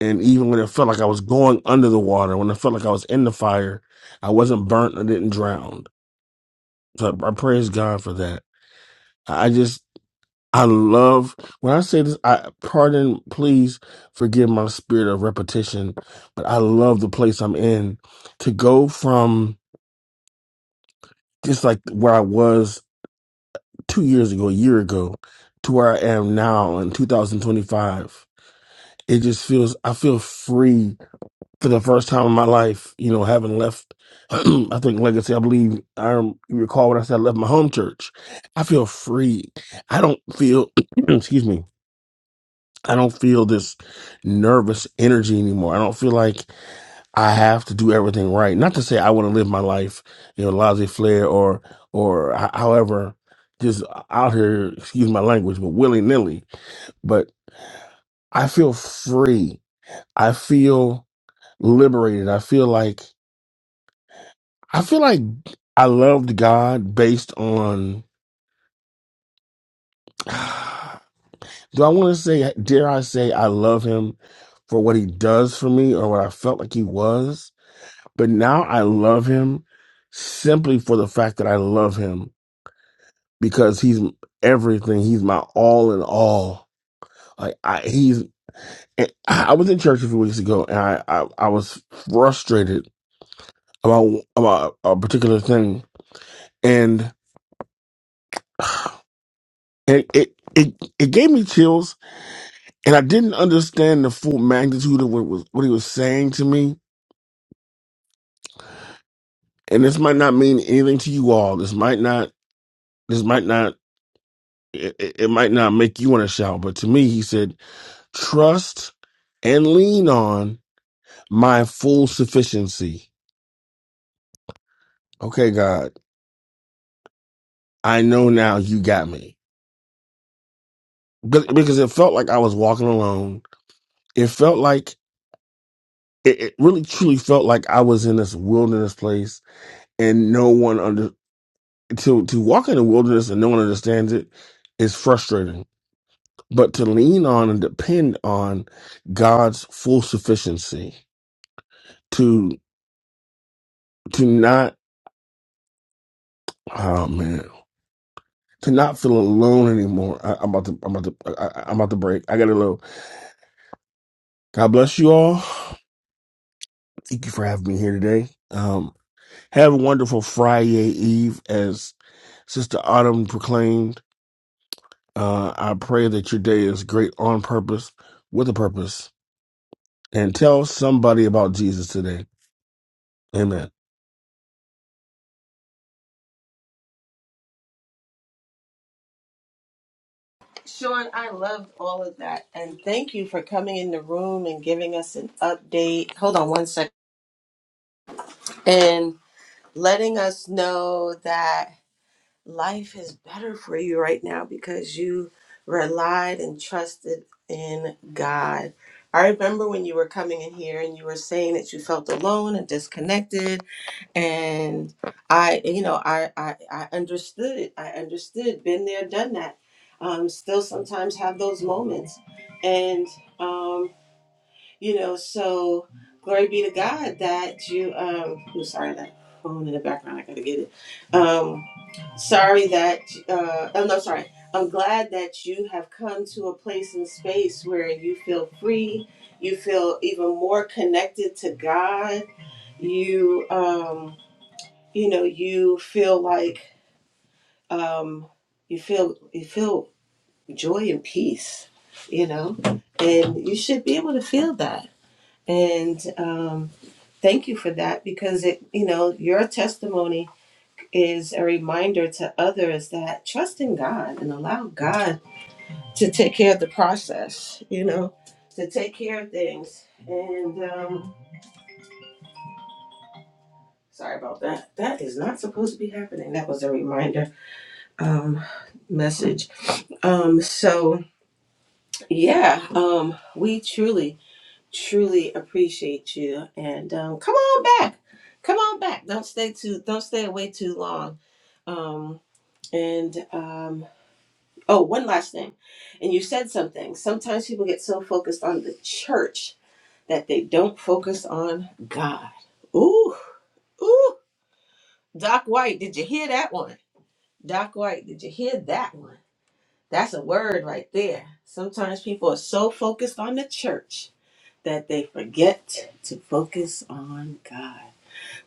and even when it felt like i was going under the water when it felt like i was in the fire i wasn't burnt i didn't drown so i, I praise god for that i I just i love when i say this i pardon please forgive my spirit of repetition but i love the place i'm in to go from just like where i was two years ago, a year ago, to where I am now in 2025. It just feels I feel free for the first time in my life. You know, having left, [CLEARS THROAT] I think legacy. I believe I rem- you recall when I said I left my home church. I feel free. I don't feel. [CLEARS THROAT] excuse me. I don't feel this nervous energy anymore. I don't feel like I have to do everything right. Not to say I want to live my life, you know, laissez flair or or h- however, just out here, excuse my language, but willy nilly. But I feel free. I feel liberated. I feel like I feel like I loved God based on. [SIGHS] Do I want to say? Dare I say I love Him for what He does for me or what I felt like He was? But now I love Him simply for the fact that I love Him because he's everything. He's my all in all. Like I, he's. and I was in church a few weeks ago, and I, I I was frustrated about about a particular thing, and [SIGHS] and it it it gave me chills, and I didn't understand the full magnitude of what was what he was saying to me. And this might not mean anything to you all. This might not. This might not. It, it it might not make you want to shout, but to me, he said, "Trust and lean on." my full sufficiency. Okay, God, I know now you got me. But- Because it felt like I was walking alone. It felt like, it, it really truly felt like I was in this wilderness place and no one under, to, to walk in the wilderness and no one understands it is frustrating. But to lean on and depend on God's full sufficiency to, to not, oh man, to not feel alone anymore. I, I'm about to, I'm about to, I, I- I'm about to break. I gotta go. God bless you all. Thank you for having me here today. Um, have a wonderful Friday Eve, as Sister Autumn proclaimed. Uh, I pray that your day is great on purpose, with a purpose, and tell somebody about Jesus today. Amen. Sean, I loved all of that. And thank you for coming in the room and giving us an update. Hold on one second. And letting us know that life is better for you right now because you relied and trusted in God. I remember when you were coming in here and you were saying that you felt alone and disconnected and I, you know, I, I, I understood it. I understood, been there, done that. Um, still sometimes have those moments, and um, you know, so glory be to God that you. Um, am sorry, that phone in the background. I gotta get it. Um, sorry that. Uh, oh no, sorry. I'm glad that you have come to a place and space where you feel free. You feel even more connected to God. You. Um, you know you feel like um you feel you feel joy and peace you know and you should be able to feel that and um thank you for that because it you know your testimony is a reminder to others that trust in god and allow god to take care of the process you know to take care of things and um sorry about that that is not supposed to be happening that was a reminder um message Um, so yeah, um, we truly, truly appreciate you. And um, come on back, come on back. Don't stay too, don't stay away too long. Um, and um, oh, one last thing. And you said something. Sometimes people get so focused on the church that they don't focus on God. Ooh, ooh, Doc White, did you hear that one? Doc White, did you hear that one? That's a word right there. Sometimes people are so focused on the church that they forget to focus on God.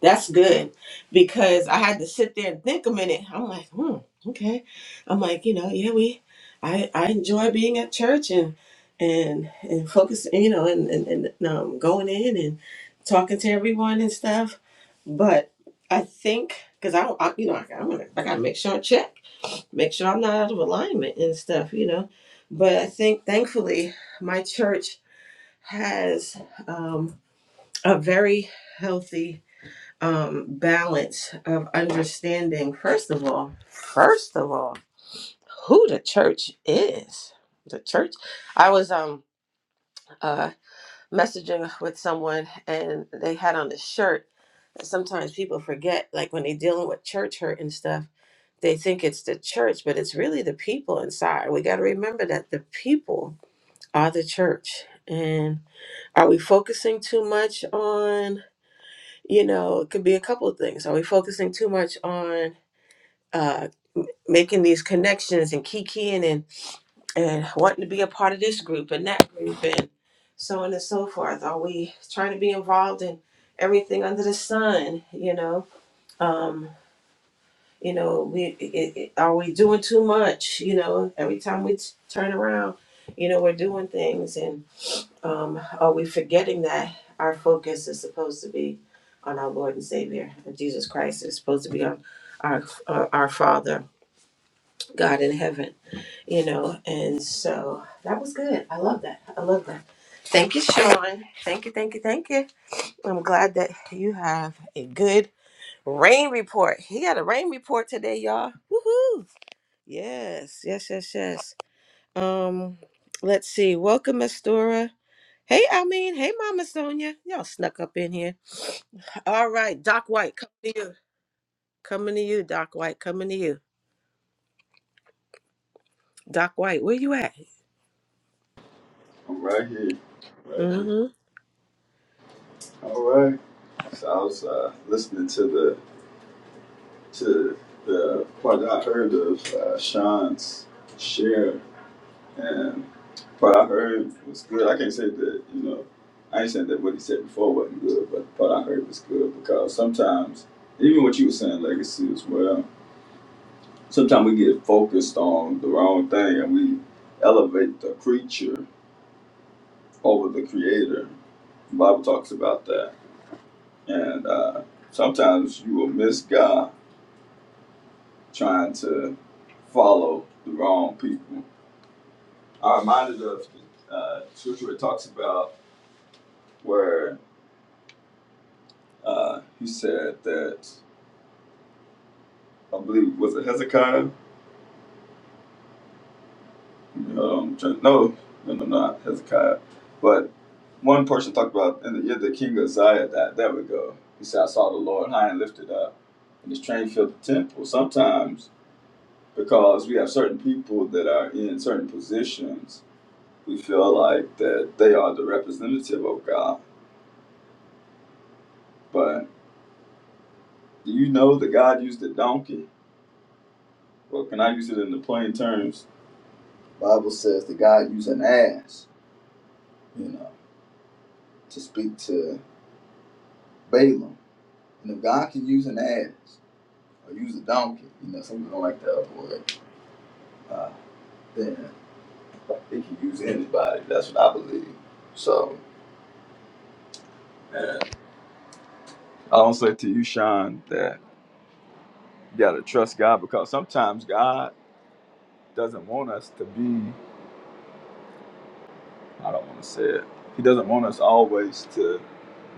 That's good because I had to sit there and think a minute. I'm like, hmm, okay. I'm like, you know, yeah, we, I, I enjoy being at church and and and focusing, you know, and and, and um, going in and talking to everyone and stuff. But I think because I don't, I, you know, I, I'm gonna, I gotta make sure I check, make sure I'm not out of alignment and stuff, you know. But I think thankfully my church has um, a very healthy um, balance of understanding, first of all, first of all, who the church is. The church. I was um uh messaging with someone and they had on this shirt that sometimes people forget, like when they're dealing with church hurt and stuff, they think it's the church, but it's really the people inside. We gotta remember that the people are the church. And are we focusing too much on you know, it could be a couple of things. Are we focusing too much on uh, m- making these connections and kikiing and and wanting to be a part of this group and that group and so on and so forth? Are we trying to be involved in everything under the sun? You know, um, you know, we it, it, are we doing too much? You know, every time we t- turn around, you know, we're doing things um, are we forgetting that our focus is supposed to be on our Lord and Savior, Jesus Christ? It's supposed to be on our uh, our Father, God in heaven, you know. And so that was good. I love that. I love that. Thank you, Sean. Thank you, thank you, thank you. I'm glad that you have a good rain report. He got a rain report today, y'all. Woohoo! Yes, yes, yes, yes. Um, let's see. Welcome, Mistura. Hey, Almeen. Hey, Mama Sonia. Y'all snuck up in here. All right, Doc White, coming to you. Coming to you, Doc White. Coming to you, Doc White. Where you at? I'm right here, right here. Mm-hmm. All right. So I was uh, listening to the to the part that I heard of uh, Sean's share, and what I heard was good. I can't say that you know, I ain't saying that what he said before wasn't good, but what I heard was good because sometimes even what you were saying, legacy as well. sometimes we get focused on the wrong thing and we elevate the creature over the creator. The Bible talks about that. And uh, sometimes you will miss God trying to follow the wrong people. I reminded of uh, scripture it talks about where uh, he said that, I believe, was it Hezekiah? Um, no, no, no, not Hezekiah. but. One person talked about in the, yeah, the king of Zion. That there we go. He said, "I saw the Lord high and lifted up, and His train filled the temple." Sometimes, because we have certain people that are in certain positions, we feel like that they are the representative of God. But do you know that God used a donkey? Well, can I use it in the plain terms? The Bible says that God used an ass, you know, to speak to Balaam. And if God can use an ass or use a donkey, you know, some people don't like that other word. Uh, then he can use anybody. That's what I believe. So, and I don't say to you, Sean, that you got to trust God because sometimes God doesn't want us to be, I don't want to say it, He doesn't want us always to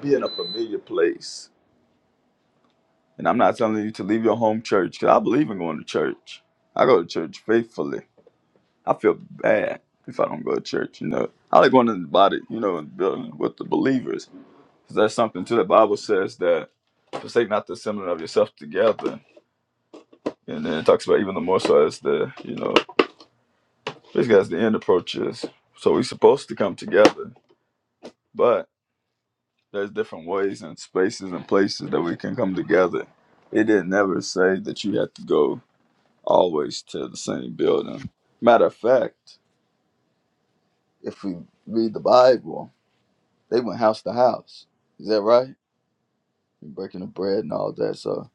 be in a familiar place. And I'm not telling you to leave your home church because I believe in going to church. I go to church faithfully. I feel bad if I don't go to church, you know. I like going to the body, you know, in the building with the believers. Because there's something to the Bible says that forsake not the assembling of yourself together. And then it talks about even the more so as the, you know, basically as the end approaches. So we're supposed to come together, but there's different ways and spaces and places that we can come together. It didn't never say that you had to go always to the same building. Matter of fact, if we read the Bible, they went house to house. Is that right? Breaking the bread and all that. So,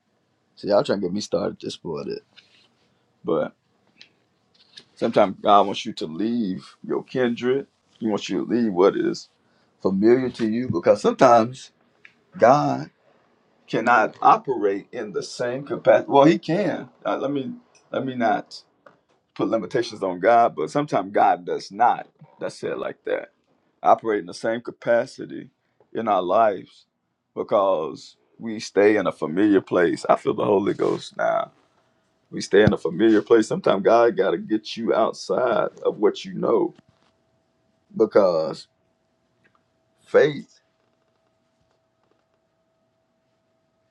see, y'all trying to get me started just for it. But Sometimes God wants you to leave your kindred. He wants you to leave what is familiar to you because sometimes God cannot operate in the same capacity. Well, he can. Uh, let me let me not put limitations on God, but sometimes God does not. That's it like that. Operate in the same capacity in our lives because we stay in a familiar place. I feel the Holy Ghost now. We stay in a familiar place. Sometimes God got to get you outside of what you know because faith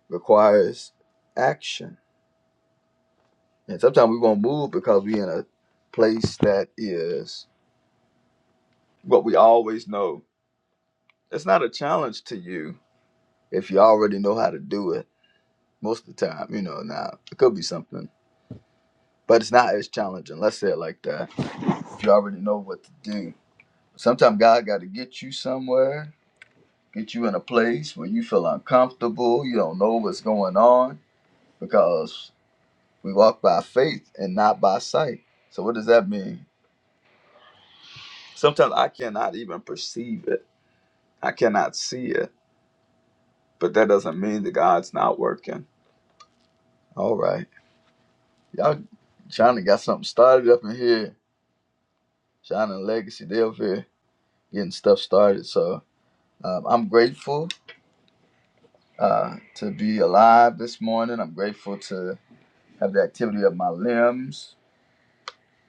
requires action. And sometimes we won't move because we're in a place that is what we always know. It's not a challenge to you if you already know how to do it most of the time. You know, now it could be something, but it's not as challenging. Let's say it like that. If you already know what to do, sometimes God got to get you somewhere, get you in a place where you feel uncomfortable, you don't know what's going on because We walk by faith and not by sight. So what does that mean? Sometimes I cannot even perceive it. I cannot see it. But that doesn't mean that God's not working. All right. Y'all trying to got something started up in here. China and Legacy, they up here getting stuff started. So um, I'm grateful uh, to be alive this morning. I'm grateful to have the activity of my limbs.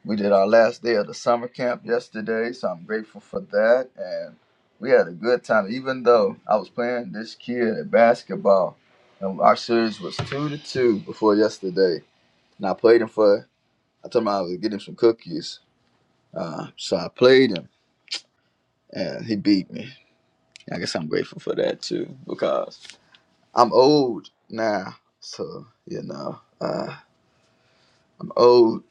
We did our last day of the summer camp yesterday, so I'm grateful for that. And we had a good time, even though I was playing this kid at basketball. And our series was two to two before yesterday. And I played him for, I told him I was getting some cookies. Uh, so I played him, and he beat me. I guess I'm grateful for that too, because I'm old now. So, you know, uh, I'm old.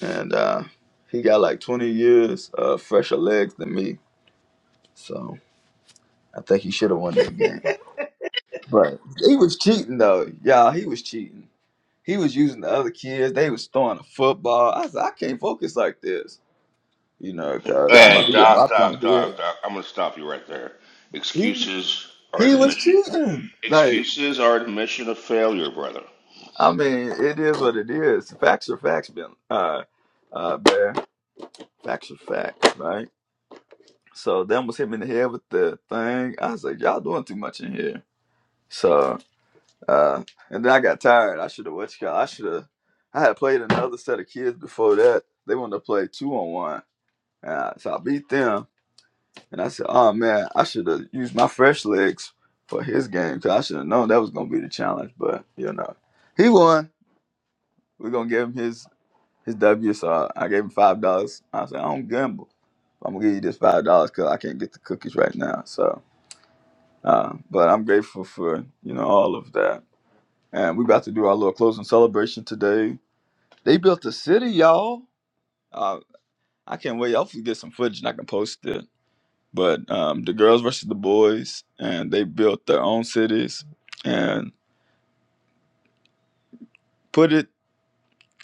And uh, he got like 20 years uh, fresher legs than me. So I think he should have won that game. But he was cheating though, y'all. He was cheating. He was using the other kids. They was throwing the football. I said, I can't focus like this, you know, because I'm about Hey, to get Doc, bopped in Doc, Doc, the Doc. I'm gonna stop you right there. head. Excuses He are he the was mission. cheating. Like Excuses are the mission of failure, brother. I mean, it is what it is. Facts are facts, Ben. Uh, uh, Bear. Facts are facts, right? So them was him in the head with the thing. I was like, y'all doing too much in here. So. Uh, and then I got tired. I should have what you call. I should have. I had played another set of kids before that. They wanted to play two on one, uh, so I beat them. And I said, "Oh man, I should have used my fresh legs for his game. Cause I should have known that was gonna be the challenge." But you know, he won. We're gonna give him his his W. So I gave him five dollars. I said, "I don't gamble. I'm gonna give you this five dollars because I can't get the cookies right now." So, uh, but I'm grateful for you know all of that. And we about to do our little closing celebration today They built a city, y'all. Uh, I can't wait. Hopefully, get some footage and I can post it. But um, the girls versus the boys, and they built their own cities and put it,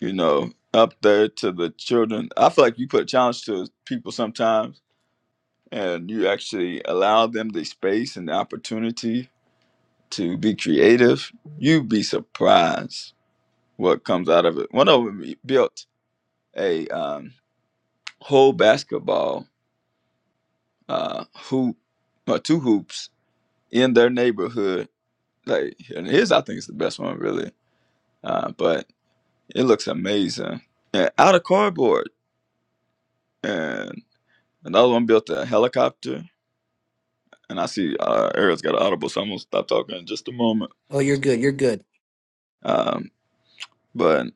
you know, up there to the children. I feel like you put a challenge to people sometimes, and you actually allow them the space and the opportunity to be creative. You'd be surprised what comes out of it. One of them built a um, whole basketball uh, hoop or two hoops in their neighborhood. Like and his, I think is the best one really. Uh, but it looks amazing and out of cardboard. And another one built a helicopter. And I see uh, Eric's got an audible, so I'm gonna stop talking in just a moment. Oh, you're good. You're good. Um, but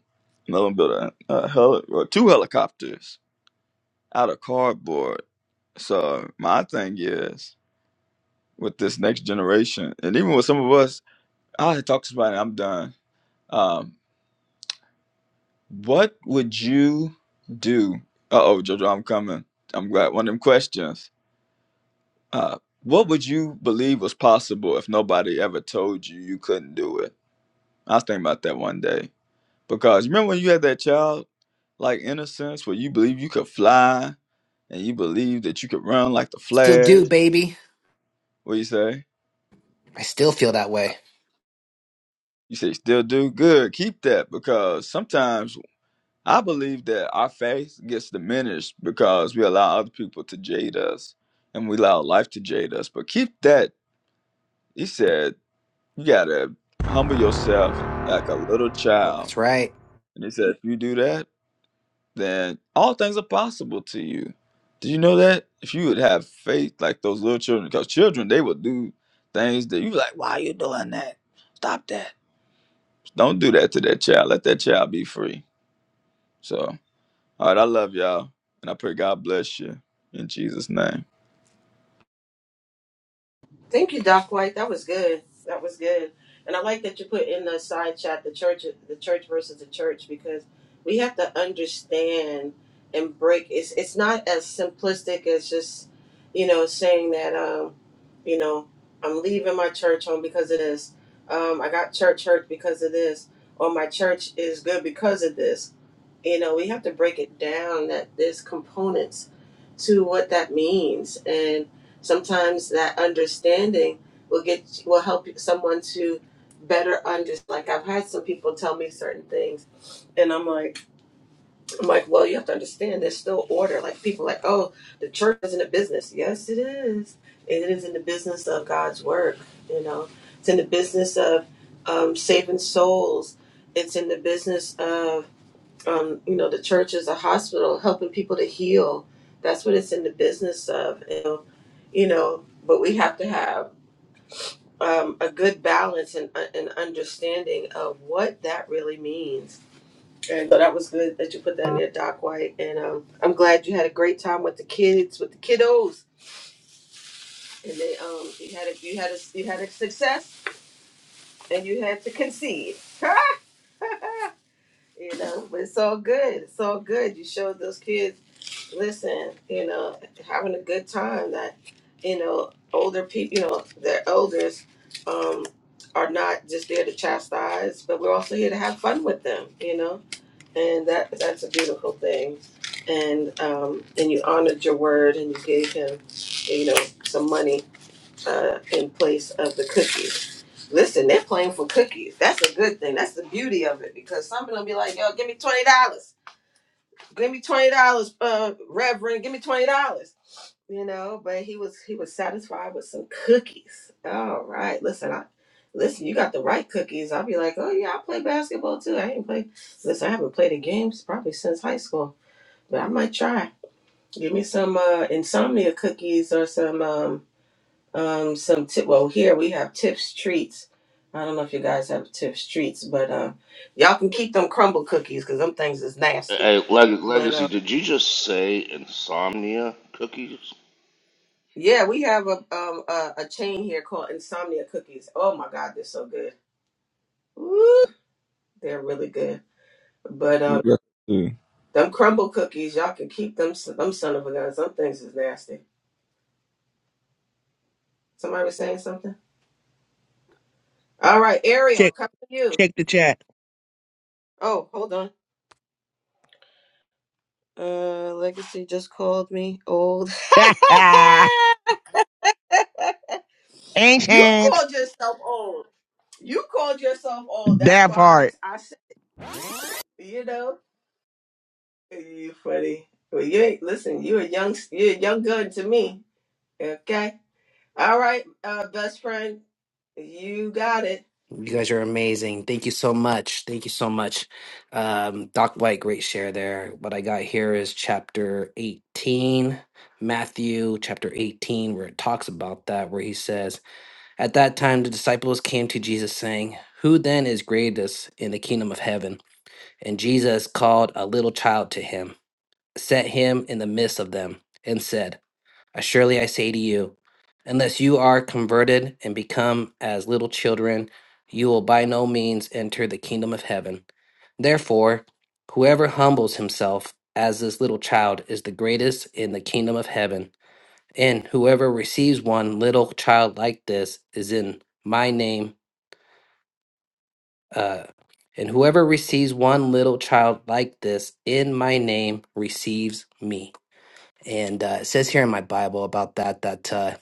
another one built a, a heli- or two helicopters out of cardboard. So my thing is with this next generation, and even with some of us, I talk to somebody, I'm done. Um. What would you do? Uh oh, Jojo, I'm coming. I'm glad one of them questions. Uh, what would you believe was possible if nobody ever told you you couldn't do it? I was thinking about that one day because remember when you had that child like innocence where you believe you could fly and you believe that you could run like the Still do, Flash. baby. What do you say? I still feel that way. You say you still do good. Keep that because sometimes I believe that our faith gets diminished because we allow other people to jade us and we allow life to jade us. But keep that, he said, you got to humble yourself like a little child. That's right. And he said, if you do that, then all things are possible to you. Did you know that? If you would have faith like those little children, because children, they will do things that you be like, why are you doing that? Stop that. Don't do that to that child. Let that child be free. So. All right, I love y'all, and I pray God bless you in Jesus' name. Thank you, Doc White. That was good. That was good. And I like that you put in the side chat the church the church versus the church because we have to understand and break it's it's not as simplistic as just, you know, saying that um, you know, I'm leaving my church home because of this. Um, I got church hurt because of this, or my church is good because of this you know we have to break it down that there's components to what that means and sometimes that understanding will get will help someone to better understand like i've had some people tell me certain things and i'm like i'm like well you have to understand there's still order like people are like oh the church isn't a business yes it is it is in the business of god's work you know it's in the business of um, saving souls it's in the business of um, you know, the church is a hospital, helping people to heal. That's what it's in the business of. You know, you know but we have to have um, a good balance and uh, an understanding of what that really means. And so that was good that you put that in there, Doc White. And um, I'm glad you had a great time with the kids, with the kiddos, and they um, you had a, you had a, you had a success, and you had to concede. [LAUGHS] you know, but it's all good. It's all good. You showed those kids listen, you know, having a good time that, you know, older people, you know, their elders um, are not just there to chastise, but we're also here to have fun with them, you know, and that that's a beautiful thing. And um, and you honored your word and you gave him, you know, some money uh, in place of the cookies. Listen, they're playing for cookies. That's a good thing. That's the beauty of it because some of them be like, yo, give me $20. give me twenty dollars, uh, Reverend, give me twenty dollars. You know, but he was he was satisfied with some cookies. All right, listen, I listen, you got the right cookies. I'll be like, oh yeah, I play basketball too. I ain't play. Listen, I haven't played in games probably since high school, but I might try. Give me some uh, insomnia cookies or some um um some tip. Well, here we have Tips treats. I don't know if you guys have Tips treats, but uh, y'all can keep them crumble cookies because them things is nasty. Hey, Leg- But um. Legacy, did you just say insomnia cookies? Yeah, we have a um a, a chain here called Insomnia Cookies. Oh my God, they're so good. Woo, they're really good. But You um, got, you them crumble cookies, y'all can keep them. Them son of a gun. Some things is nasty. Somebody was saying something. All right, Ariel, Check come to you. check the chat. Oh, hold on. Uh, Legacy just called me old. [LAUGHS] [LAUGHS] you Ancient called yourself old. You called yourself old. That's that why I, part. I said, you know. You funny. Well, you ain't listen. You a young, you a young gun to me. Okay. All right, uh, best friend. You got it. You guys are amazing. Thank you so much. Thank you so much. Um, Doc White, great share there. What I got here is chapter 18, Matthew chapter 18, where it talks about that, where he says, At that time, the disciples came to Jesus saying, 'Who then is greatest in the kingdom of heaven? And Jesus called a little child to him, set him in the midst of them, and said, Surely I say to you, unless you are converted and become as little children, you will by no means enter the kingdom of heaven. Therefore, whoever humbles himself as this little child is the greatest in the kingdom of heaven. And whoever receives one little child like this is in my name. Uh, and whoever receives one little child like this in my name receives me. And uh, it says here in my Bible about that that uh,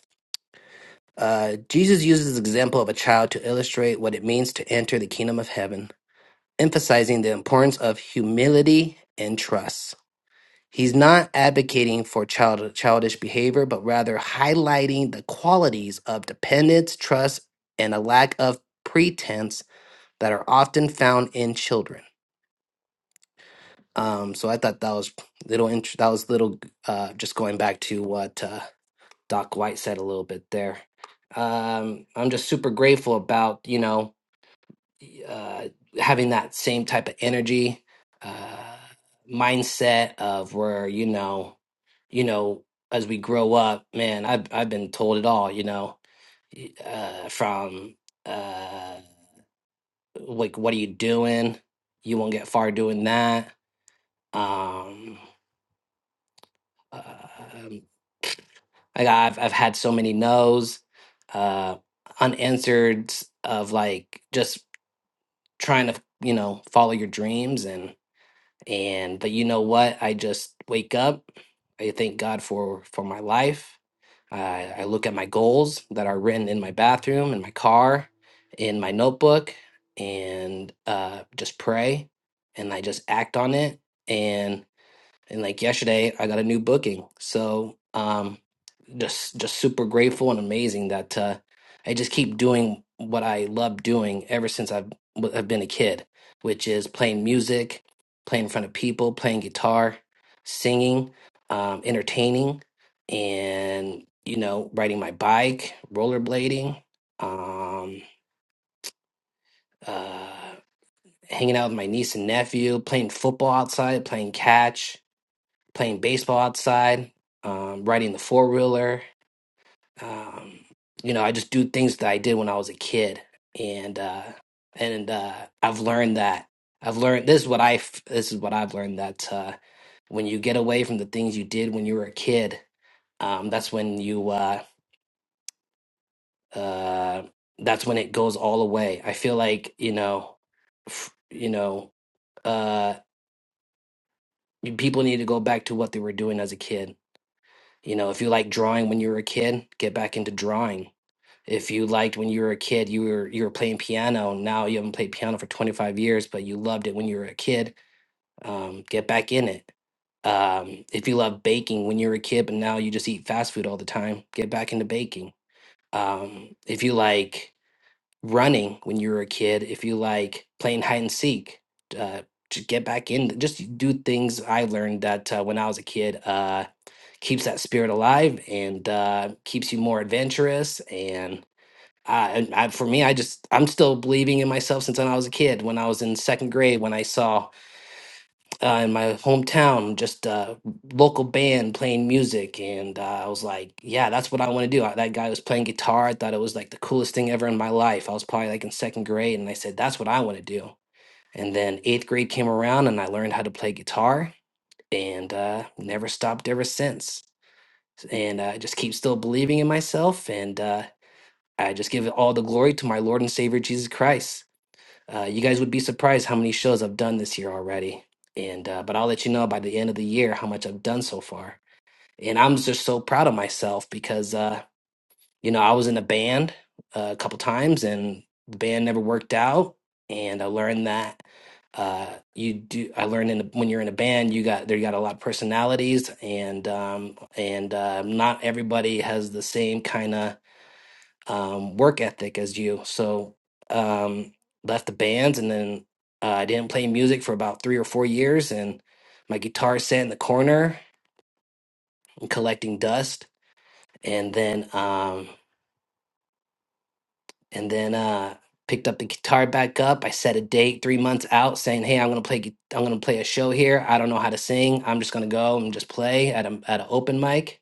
Uh, Jesus uses the example of a child to illustrate what it means to enter the kingdom of heaven, emphasizing the importance of humility and trust. He's not advocating for child, childish behavior, but rather highlighting the qualities of dependence, trust, and a lack of pretense that are often found in children. Um, so I thought that was little. int- That was little. Uh, just going back to what uh, Doc White said a little bit there um, I'm just super grateful about you know uh, having that same type of energy uh, mindset of where you know you know as we grow up man i've, I've been told it all you know uh, from uh, like what are you doing you won't get far doing that um, um I, got, I've, I've had so many no's uh, unanswered of like just trying to you know follow your dreams and. and but you know what i just wake up i thank god for for my life I i look at my goals that are written in my bathroom in my car in my notebook and uh just pray and i just act on it and and like yesterday i got a new booking so um just just super grateful and amazing that uh, I just keep doing what I love doing ever since I've w- I've been a kid, which is playing music, playing in front of people, playing guitar, singing, um, entertaining, and you know, riding my bike, rollerblading, um, uh, hanging out with my niece and nephew, playing football outside, playing catch, playing baseball outside, um, riding the four wheeler Um, you know, I just do things that I did when I was a kid, and uh, and uh, I've learned that I've learned this is what I f- this is what I've learned that uh, when you get away from the things you did when you were a kid, um, that's when you uh, uh, that's when it goes all away. I feel like you know, f- you know, uh, people need to go back to what they were doing as a kid. You know, if you like drawing when you were a kid, get back into drawing if you liked when you were a kid you were you were playing piano and now you haven't played piano for 25 years but you loved it when you were a kid um, get back in it um, if you love baking when you were a kid but now you just eat fast food all the time get back into baking um, if you like running when you were a kid if you like playing hide and seek uh, just get back in just do things i learned that uh, when i was a kid uh, keeps that spirit alive and uh, keeps you more adventurous and I, and I, for me, I just I'm still believing in myself since when I was a kid. When I was in second grade, when I saw uh, in my hometown just a local band playing music, and uh, I was like, "Yeah, that's what I want to do." I, that guy was playing guitar. I thought it was like the coolest thing ever in my life. I was probably like in second grade, and I said, "That's what I want to do." And then eighth grade came around, and I learned how to play guitar, and uh, never stopped ever since. And uh, I just keep still believing in myself, and uh, I just give all the glory to my Lord and Savior Jesus Christ. Uh, you guys would be surprised how many shows I've done this year already, and uh, but I'll let you know by the end of the year how much I've done so far. And I'm just so proud of myself because uh, you know I was in a band uh, a couple times, and the band never worked out. And I learned that uh, you do. I learned in when you're in a band, you got there. You got a lot of personalities, and um, and uh, not everybody has the same kind of um, work ethic as you. So um, left the bands, and then uh, I didn't play music for about three or four years, and my guitar sat in the corner and collecting dust. And then um, and then uh, picked up the guitar back up. I set a date three months out, saying, "Hey, I'm gonna play. gui- I'm gonna play a show here. I don't know how to sing. I'm just gonna go and just play at a at an open mic."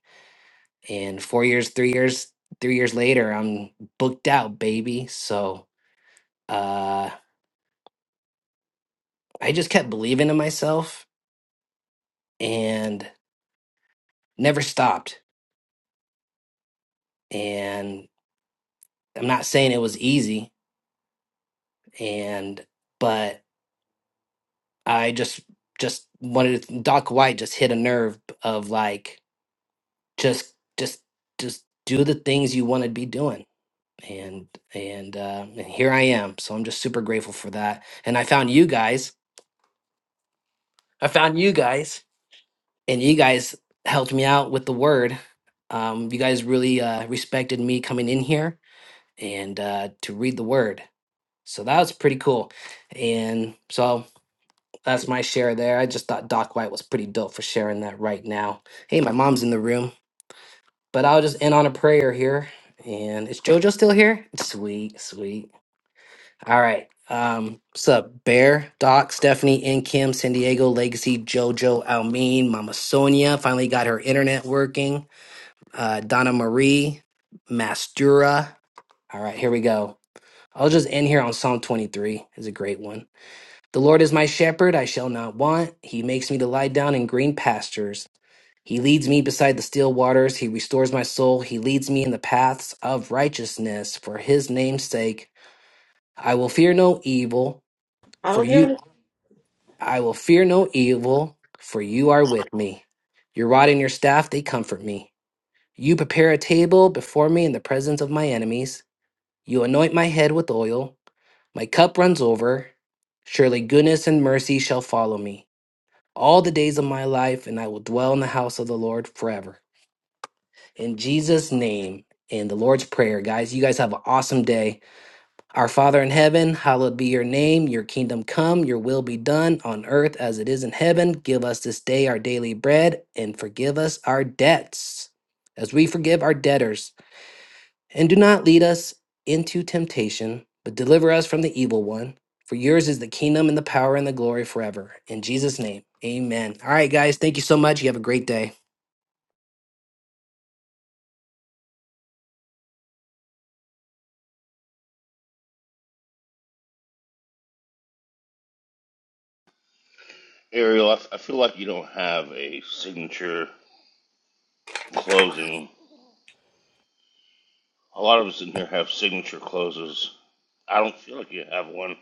And four years, three years, three years later, I'm booked out, baby. So. Uh, I just kept believing in myself and never stopped. And I'm not saying it was easy, and but I just just wanted to, Doc White just hit a nerve of like just just just do the things you want to be doing. And and uh, and here I am. So I'm just super grateful for that. And I found you guys. I found you guys, and you guys helped me out with the word. Um, you guys really uh, respected me coming in here and uh, to read the word. So that was pretty cool. And so that's my share there. I just thought Doc White was pretty dope for sharing that right now. Hey, my mom's in the room, but I'll just end on a prayer here. And is JoJo still here? Sweet, sweet. All right. Um, what's up, Bear, Doc, Stephanie, and Kim, San Diego, Legacy, JoJo, Almeen, Mama Sonia finally got her internet working. Uh, Donna Marie, Mastura. All right, here we go. I'll just end here on Psalm 23. It's a great one. The Lord is my shepherd, I shall not want. He makes me to lie down in green pastures. He leads me beside the still waters. He restores my soul. He leads me in the paths of righteousness for his name's sake. I will fear no evil, I for don't hear you it. I will fear no evil, for you are with me. Your rod and your staff they comfort me. You prepare a table before me in the presence of my enemies. You anoint my head with oil. My cup runs over. Surely goodness and mercy shall follow me all the days of my life, and I will dwell in the house of the Lord forever. In Jesus' name in the Lord's Prayer, guys, you guys have an awesome day. Our Father in heaven, hallowed be your name. Your kingdom come, your will be done on earth as it is in heaven. Give us this day our daily bread and forgive us our debts as we forgive our debtors. And do not lead us into temptation, but deliver us from the evil one. For yours is the kingdom and the power and the glory forever. In Jesus' name, amen. All right, guys, thank you so much. You have a great day. Ariel, I, I feel like you don't have a signature closing. A lot of us in here have signature closes. I don't feel like you have one.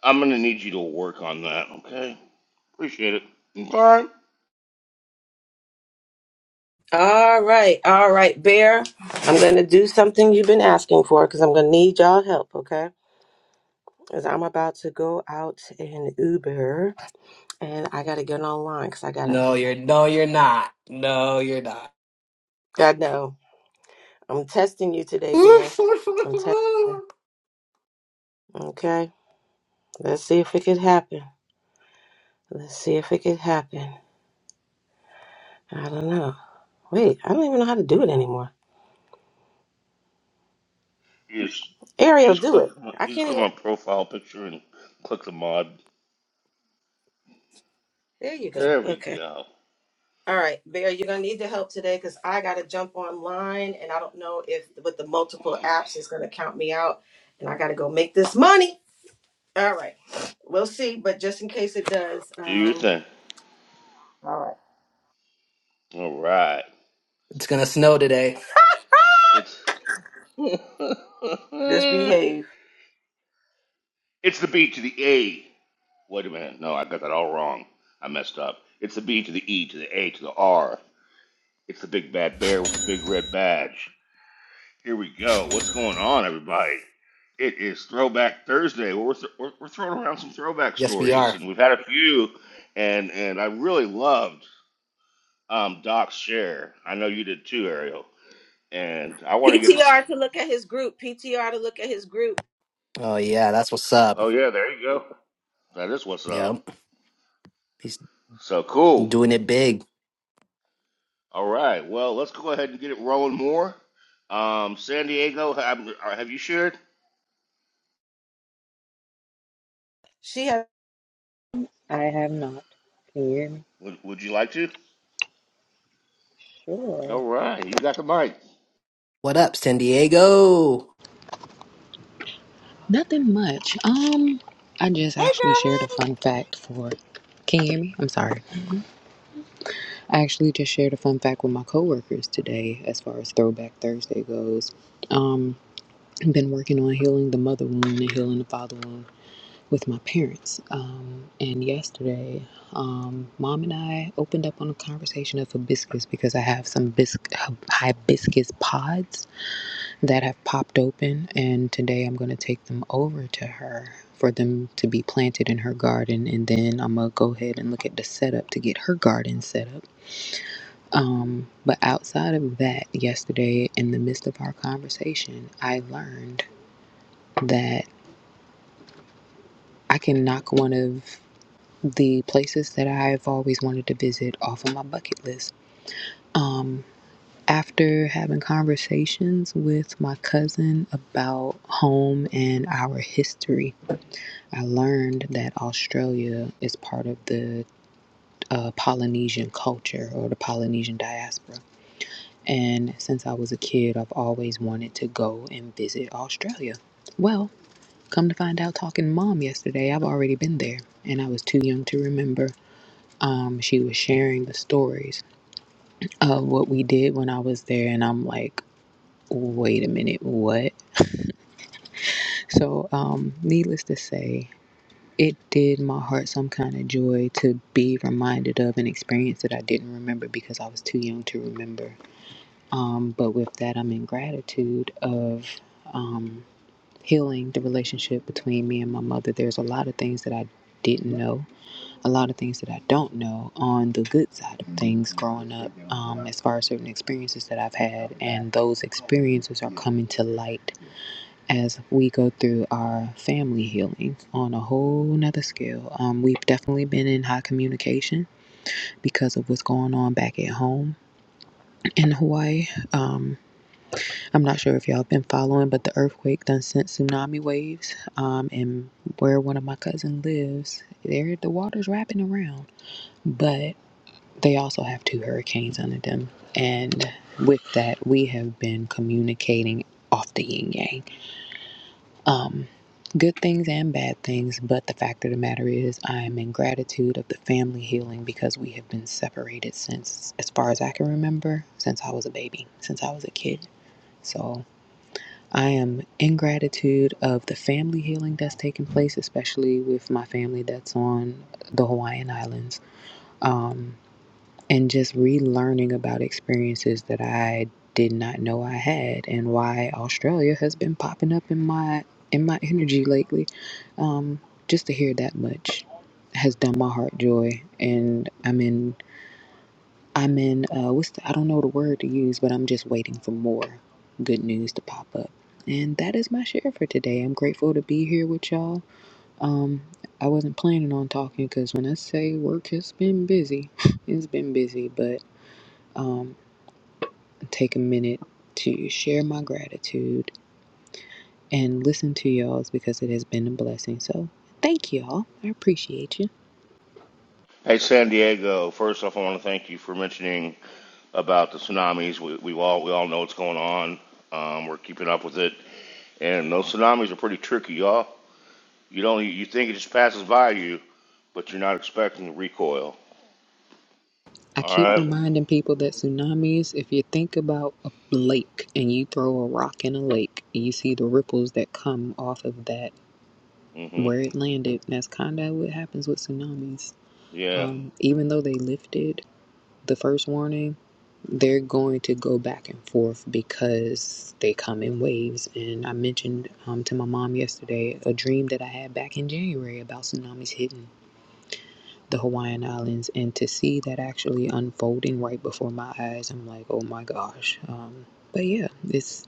I'm gonna need you to work on that. Okay, appreciate it. Bye. All right, all right, Bear. I'm gonna do something you've been asking for because I'm gonna need y'all help, okay? Because I'm about to go out in Uber and I gotta get online because I gotta. No, you're no, you're not. No, you're not. I know I'm testing you today, Bear. I'm testing. you, [LAUGHS] Okay, let's see if it could happen. Let's see if it could happen. I don't know. Wait, I don't even know how to do it anymore. You just you Ariel, just do click it. I you just can't click even. my profile picture and click the mod. There you go. There we Okay. go. All right, Bear, you're gonna need the help today because I gotta jump online, and I don't know if with the multiple apps it's gonna count me out, and I gotta go make this money. All right, we'll see. But just in case it does, Do your um, thing. all All right. it's gonna snow today. right, It's [LAUGHS] it's [LAUGHS] just behave. the B to the A. Wait a minute. No, I got that all wrong. I messed up. It's the B to the E to the A to the R. It's the big bad bear with the big red badge. Here we go. What's going on, everybody? It is Throwback Thursday. Well, We're, th- we're, we're throwing around some throwback Yes, we stories, are. and we've had a few, and and I really loved um, Doc's share. I know you did too, Ariel. And I want to get to PTR to look at his group. PTR to look at his group. Oh yeah, that's what's up. Oh yeah, there you go. That is what's up. Yep, he's So cool. doing it big. All right. Well, let's go ahead and get it rolling more. Um, San Diego, have, uh, have you shared? She has. I have not. Can you hear me? Would, would you like to? Sure. All right, you got the mic. What up, San Diego? Nothing much. Um, I just Hey, actually shared a girl. fun fact for. Can you hear me? I'm sorry. I actually just shared a fun fact with my coworkers today, as far as Throwback Thursday goes. Um, I've been working on healing the mother wound and healing the father wound with my parents. Um, and yesterday, um, mom and I opened up on a conversation of hibiscus because I have some bisc- hibiscus pods that have popped open, and today I'm going to take them over to her for them to be planted in her garden, and then I'm going to go ahead and look at the setup to get her garden set up. Um, but outside of that, yesterday in the midst of our conversation, I learned that I can knock one of the places that I've always wanted to visit off of my bucket list. Um, after having conversations with my cousin about home and our history, I learned that Australia is part of the uh, Polynesian culture or the Polynesian diaspora. And since I was a kid, I've always wanted to go and visit Australia. Well, come to find out, talking to mom yesterday, I've already been there and I was too young to remember. Um, she was sharing the stories of what we did when I was there, and I'm like, wait a minute, what? So, um, needless to say, it did my heart some kind of joy to be reminded of an experience that I didn't remember because I was too young to remember. Um, but with that, I'm in gratitude of um, healing the relationship between me and my mother. There's a lot of things that I didn't know a lot of things that I don't know on the good side of things growing up, um, as far as certain experiences that I've had, and those experiences are coming to light as we go through our family healing on a whole nother scale. Um, we've definitely been in high communication because of what's going on back at home in Hawaii. Um, I'm not sure if y'all have been following, but the earthquake done sent tsunami waves. Um, and where one of my cousins lives, there the water's wrapping around. But they also have two hurricanes under them. And with that, we have been communicating off the yin yang. Um, good things and bad things, but the fact of the matter is, I am in gratitude of the family healing because we have been separated since, as far as I can remember, since I was a baby, since I was a kid. So I am in gratitude of the family healing that's taking place, especially with my family that's on the Hawaiian Islands. Um, and just relearning about experiences that I did not know I had and why Australia has been popping up in my in my energy lately. Um, just to hear that much has done my heart joy, and I'm in I'm in uh, what's the, I don't know the word to use, but I'm just waiting for more good news to pop up. And that is my share for today. I'm grateful to be here with y'all. Um, I wasn't planning on talking because when I say work has been busy, [LAUGHS] it's been busy, but um, take a minute to share my gratitude and listen to y'all's because it has been a blessing. So thank y'all. I appreciate you. Hey, San Diego. First off, I want to thank you for mentioning about the tsunamis. We, we all we all know what's going on. Um, we're keeping up with it, and those tsunamis are pretty tricky, y'all. You don't you think it just passes by you, but you're not expecting the recoil. I All keep right. reminding people that tsunamis, if you think about a lake and you throw a rock in a lake, you see the ripples that come off of that Mm-hmm. where it landed. And that's kind of what happens with tsunamis. Yeah. Um, even though they lifted the first warning, they're going to go back and forth because they come in waves. And I mentioned um, to my mom yesterday a dream that I had back in January about tsunamis hitting the Hawaiian Islands. And to see that actually unfolding right before my eyes, I'm like, oh my gosh. Um, but yeah, this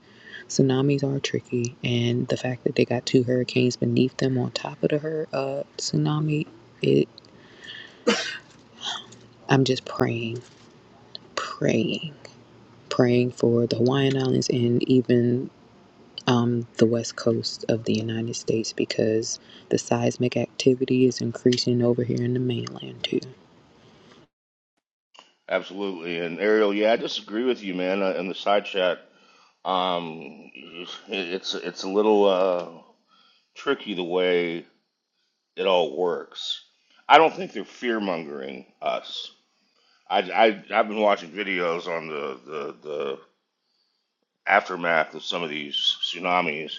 tsunamis are tricky. And the fact that they got two hurricanes beneath them on top of the her uh, tsunami, it, I'm just praying, praying praying for the Hawaiian Islands and even um, the west coast of the United States because the seismic activity is increasing over here in the mainland too. Absolutely. And Ariel, yeah, I disagree with you, man. Uh, in the side chat, um, it- it's it's a little uh, tricky the way it all works. I don't think they're fear mongering us. I, I I've been watching videos on the, the the aftermath of some of these tsunamis,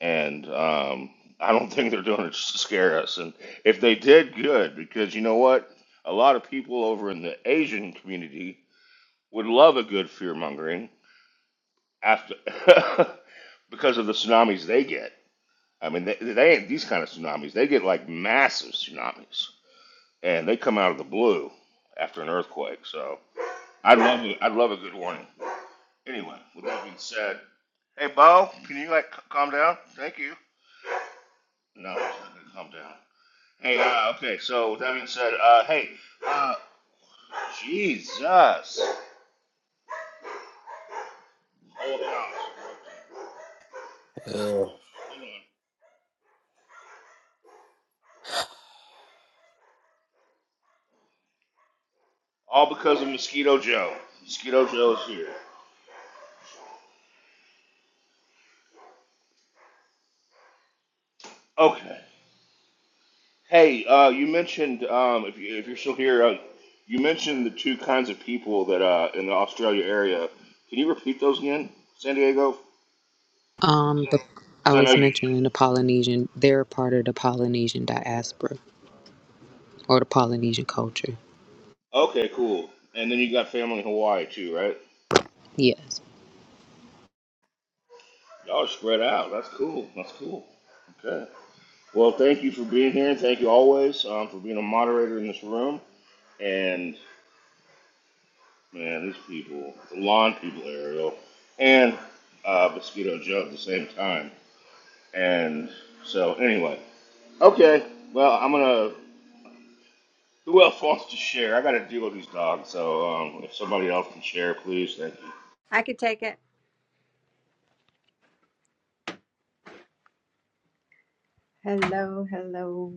and um, I don't think they're doing it just to scare us. And if they did, good, because you know what? A lot of people over in the Asian community would love a good fear mongering after [LAUGHS] because of the tsunamis they get. I mean, they, they ain't these kind of tsunamis. They get like massive tsunamis, and they come out of the blue after an earthquake. So I would love it. would love a good warning. Anyway, with that being said, hey Bo, can you like c- calm down? Thank you. No, it's not gonna calm down. Hey, uh, okay. So with that being said, uh, hey, uh, Jesus, hold on, hold on. Oh, All because of Mosquito Joe. Mosquito Joe is here. Okay. Hey, uh, you mentioned um, if you, if you're still here, uh, you mentioned the two kinds of people that uh, in the Australia area. Can you repeat those again, San Diego? Um, but I Because I know was you. mentioning the Polynesian, they're part of the Polynesian diaspora or the Polynesian culture. Okay, cool. And then you got family in Hawaii too, right? Yes. Y'all are spread out. That's cool. That's cool. Okay. Well, thank you for being here, and thank you always um, for being a moderator in this room. And man, these people, the lawn people, Ariel, and uh, Mosquito Joe at the same time. And so, anyway. Okay. Well, I'm gonna. Who else wants to share? I got to deal with these dogs, so um, if somebody else can share, please, thank you. I could take it. Hello. Hello.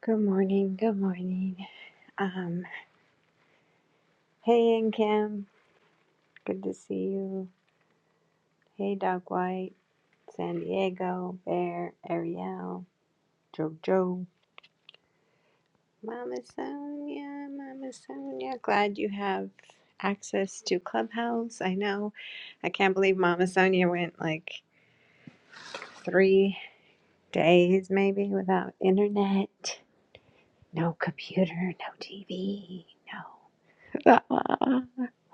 Good morning. Good morning. Um. Hey, and Kim. Good to see you. Hey, Dog White. San Diego. Bear. Ariel. Jojo. Mama Sonia, Mama Sonia, glad you have access to Clubhouse. I know. I can't believe Mama Sonia went like three days maybe without internet, no computer, no TV, no. [LAUGHS] Ah,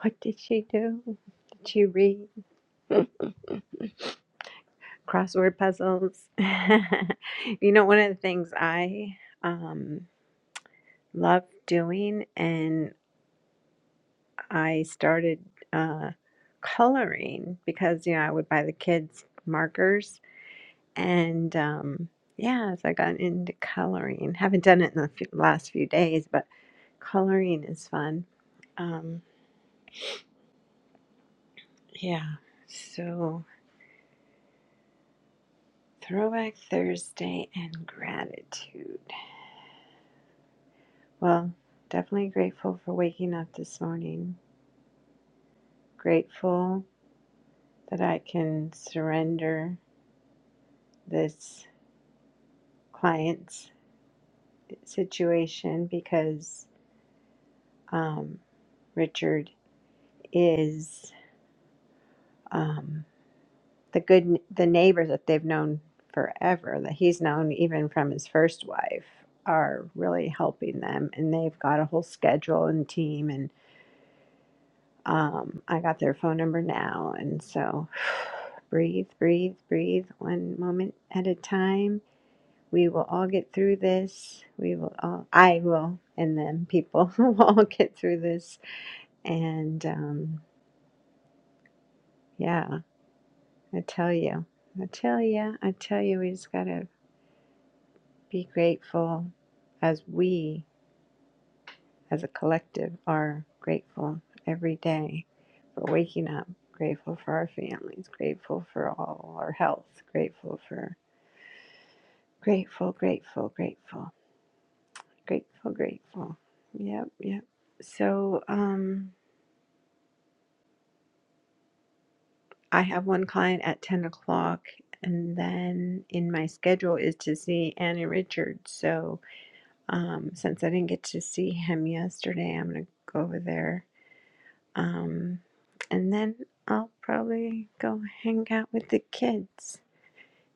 what did she do? Did she read [LAUGHS] crossword puzzles? [LAUGHS] you know, one of the things I um, love doing and. I started uh, coloring because you know I would buy the kids markers and um, yeah, so I got into coloring. Haven't done it in the few, last few days, but coloring is fun. Um, yeah, so Throwback Thursday and gratitude. Well, definitely grateful for waking up this morning. Grateful that I can surrender this client's. situation because um, Richard is um, the good the neighbors that they've known forever that he's known even from his first wife are really helping them and they've got a whole schedule and team and um, I got their phone number now and so [SIGHS] breathe breathe breathe one moment at a time we will all get through this we will all I will and then people [LAUGHS] will all get through this And um, yeah, I tell you, I tell you, I tell you, we just got to be grateful as we, as a collective, are grateful every day for waking up, grateful for our families, grateful for all our health, grateful for, grateful, grateful, grateful, grateful, grateful. Yep, yep. So, um, I have one client at 10 o'clock, and then in my schedule is to see Annie Richards. So, um, since I didn't get to see him yesterday, I'm going to go over there. Um, and then I'll probably go hang out with the kids.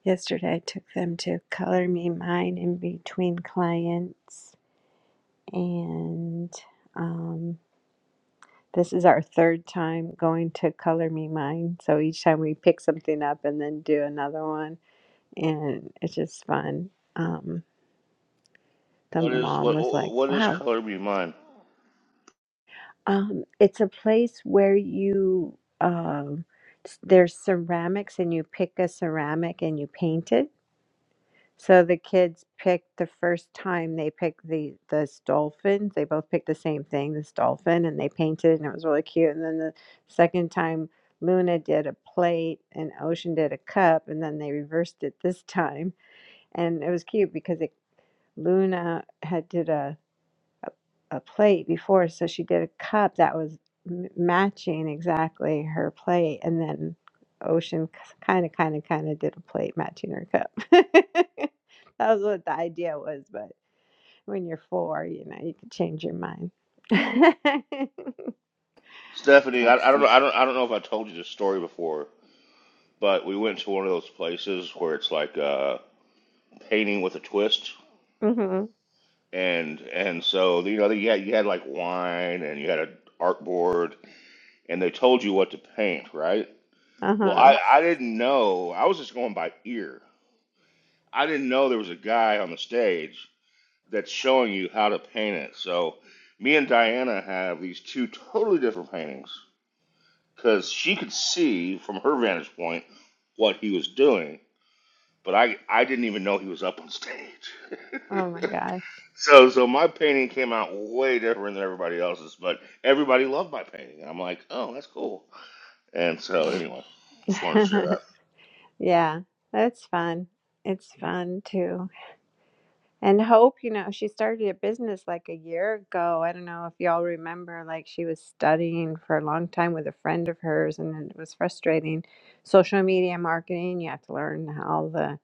Yesterday, I took them to Color Me Mine in between clients, and um, this is our third time going to Color Me Mine. So each time we pick something up and then do another one and it's just fun. Um, the What is mom what? was like, What is "Wow, color be mine? um, it's a place where you um, s- there's ceramics and you pick a ceramic and you paint it." So the kids picked the first time they picked the this dolphin. They both picked the same thing, this dolphin, and they painted it, and it was really cute. And then the second time, Luna did a plate, and Ocean did a cup, and then they reversed it this time, and it was cute because it Luna had did a a a plate before, so she did a cup that was m- matching exactly her plate, and then Ocean kind of, kind of, kind of did a plate matching her cup. [LAUGHS] that was what the idea was, but when you're four, you know, you can change your mind. [LAUGHS] Stephanie, I, I don't know. I don't. I don't know if I told you this story before, but we went to one of those places where it's like uh, painting with a twist, hmm and and so you know you had you had like wine and you had an art board, and they told you what to paint, right? Well, Uh-huh. I I didn't know. I was just going by ear. I didn't know there was a guy on the stage that's showing you how to paint it. So me and Diana have these two totally different paintings because she could see from her vantage point what he was doing, but I I didn't even know he was up on stage. [LAUGHS] Oh my so so my painting came out way different than everybody else's, but everybody loved my painting. And I'm like, oh, that's cool. And so anyway, just wanted to share gosh. that. [LAUGHS] yeah, that's fun. It's fun too. And Hope, you know, she started a business like a year ago. I don't know if y'all remember, like she was studying for a long time with a friend of hers, and then it was frustrating. Social media marketing, you have to learn all the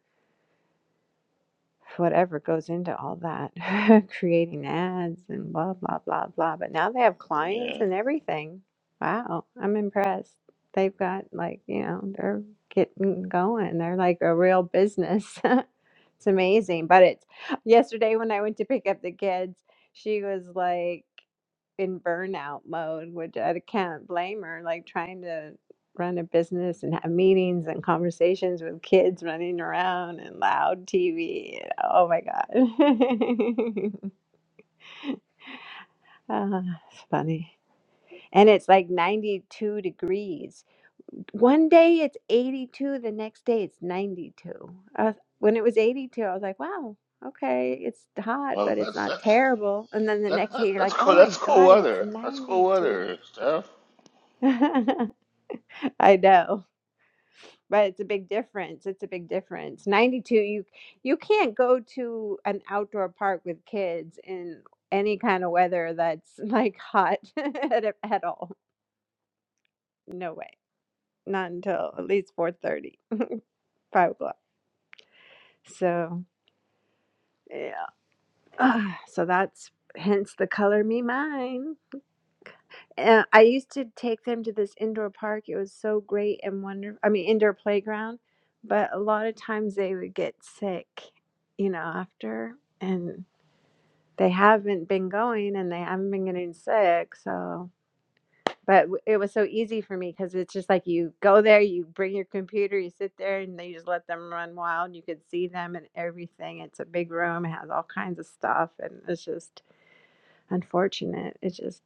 whatever goes into all that, [LAUGHS] creating ads and blah, blah, blah, blah. But now they have clients Yeah. and everything. Wow, I'm impressed. They've got like, you know, they're getting going. They're like a real business. [LAUGHS] It's amazing. But it's yesterday when I went to pick up the kids, she was like in burnout mode, which I can't blame her, like trying to run a business and have meetings and conversations with kids running around and loud TV. Oh my God. [LAUGHS] Ah, it's funny and it's like 92 degrees. One day it's 82, the next day it's 92. I was, when it was 82, I was like, wow, okay, it's hot, Well, but it's that's not that's. terrible. And then the That, next that, day you're that's like, oh cool. my That's cool God, it's weather. That's cool 92. weather, Steph. [LAUGHS] I know, but it's a big difference. It's a big difference. 92, you you can't go to an outdoor park with kids in any kind of weather that's like hot [LAUGHS] at, at all. No way. not until at least four thirty, five o'clock so yeah [SIGHS] so that's hence the color me mine and i used to take them to this indoor park it was so great and wonderful i mean indoor playground but a lot of times they would get sick you know after and they haven't been going and they haven't been getting sick so But w- it was so easy for me because it's just like you go there, you bring your computer, you sit there, and they just let them run wild. You could see them and everything. It's a big room, it has all kinds of stuff, and it's just unfortunate. It's just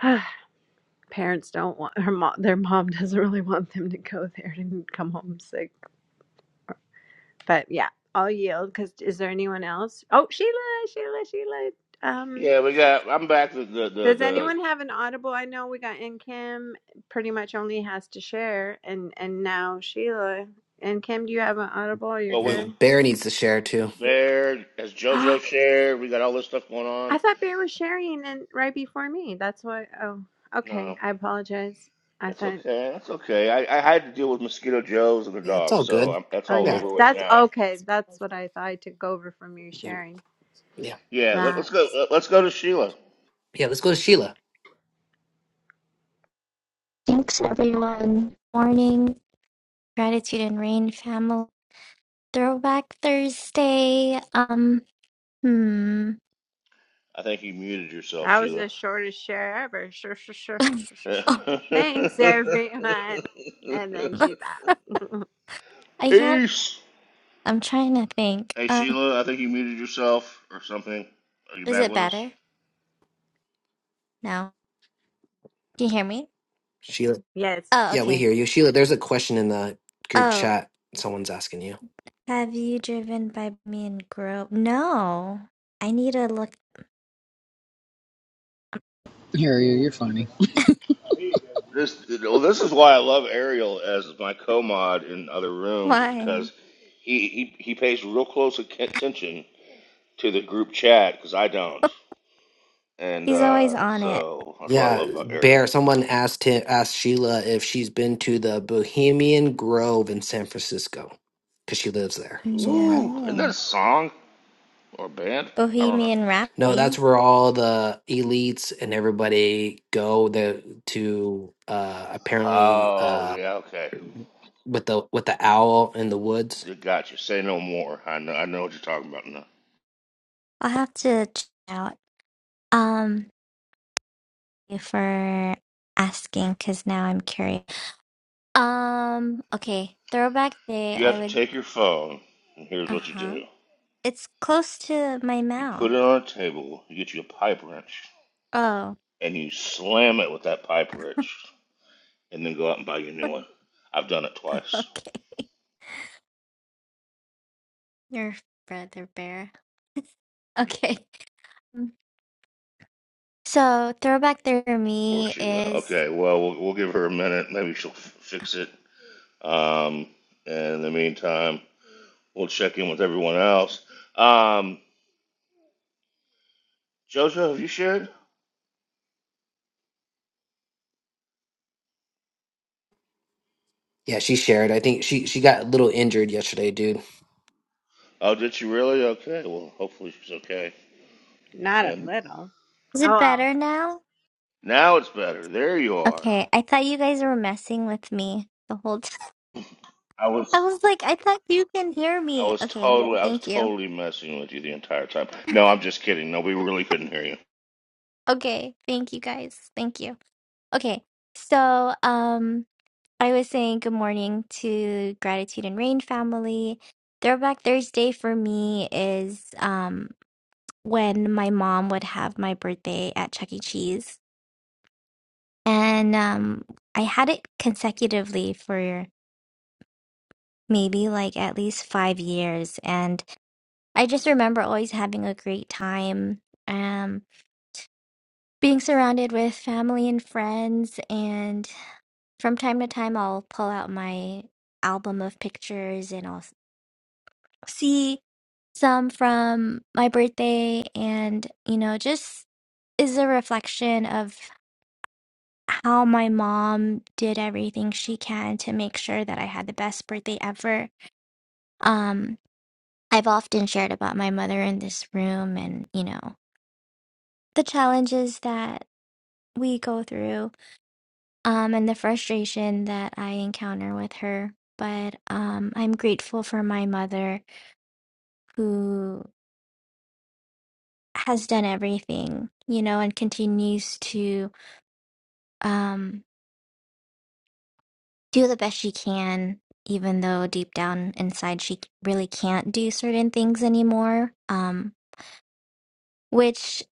[SIGHS] parents don't want her mom. Their mom [LAUGHS] doesn't really want them to go there and come home sick. But yeah, I'll yield. Because is there anyone else? Oh, Sheila, Sheila, Sheila. Um, Yeah, we got. I'm back to the the Does the. anyone have an audible? I know we got in Kim pretty much only has to share and and now Sheila. And Kim, do you have an audible? You're Well, we man, good. Bear needs to share too. Bear as [GASPS] I JoJo shared. We got all this stuff going on. thought Bear was sharing and right before me. That's why oh okay. No, I apologize. I that's thought okay. That's okay. I, I had to deal with mosquito Joes and the Yeah, it's dog, all so good. I'm, that's oh all Yeah, yeah. over with That's now. okay. That's what I thought I took over from you yeah, sharing. yeah. Yeah, let, let's That go. Let, us go to Sheila. Yeah, Let's go to Sheila. Thanks everyone. Morning, gratitude and rain family. Throwback Thursday. Um, hmm. [LAUGHS] I think you muted yourself, that was Sheila. the shortest share ever. Sure, sure, sure, sure, sure, sure, sure. Oh, sure. Thanks everyone. [LAUGHS] And then [LAUGHS] she's out. I can't. Peace. I'm trying to think. Hey Um, Sheila, I think you muted yourself or something. Are you is back it with us? better now? Can you hear me? Sheila, [LAUGHS] yes. Oh, yeah, we okay. hear you. Sheila, there's a question in the group Oh, chat. Someone's asking you. have you driven by me and Grove? No. I need to look. Harriet, you're funny. This well, this is why I love Ariel as my co-mod in other [LAUGHS] rooms, is Why? because he he, he pays real close ac- attention to the group chat because I don't, and He's always uh, on it. so that's what I Yeah, love about Ariel. Bear, someone asked him, asked Sheila if she's been to the Bohemian Grove in San Francisco because she lives there. So I Ooh, don't isn't that a No. song or a band? I don't know. Bohemian know. That's Rhapsody. where all the elites and everybody go the, to uh apparently Oh uh yeah, okay, with the with the owl in the woods. Did- got you. Say no more. I know I know what you're talking about now. I'll have to check it out. Um. you for asking because now I'm curious. Um, okay. Throwback day, You have I to would, take your phone, and here's what you uh-huh. do: It's close to my you put mouth. it on a table, you get you a pipe wrench, Oh, and you slam it with that pipe wrench and then go out and buy you a new [LAUGHS] one. I've done it twice. okay. Your brother bear. [LAUGHS] Okay. Mm. So throwback day for Or me she will. is, Okay, well, well, we'll give her a minute. Maybe she'll f- fix it. Um, and in the meantime, we'll check in with everyone else. Um, Jojo, have you shared? Yeah, she shared. I think she she got a little injured yesterday, dude. Oh, did she really? Okay. Well, hopefully she's okay. Not a And little. is it Oh, better now? now it's better. There you are. Okay. I thought you guys were messing with me the whole time. I [LAUGHS] I was. was like, I thought you can hear I me. was Okay. totally, I was Thank you. totally messing with you the entire time. No, I'm just kidding. No, we really couldn't hear you. Okay. Thank you guys. Thank you. Okay. So, um, I was saying good morning to Gratitude and Rain family. Throwback Thursday for me is um when my mom would have my birthday at Chuck E. Cheese. And um I had it consecutively for maybe like at least five years. And I just remember always having a great time, um, being surrounded with family and friends and. From time to time, I'll pull out my album of pictures and I'll s- see some from my birthday. And, you know, just is a reflection of how my mom did everything she can to make sure that I had the best birthday ever. Um, I've often shared about my mother in this room and, you know, the challenges that we go through um, and the frustration that I encounter with her. But um, I'm grateful for my mother who has done everything, you know, and continues to um, do the best she can, even though deep down inside she really can't do certain things anymore. Um, which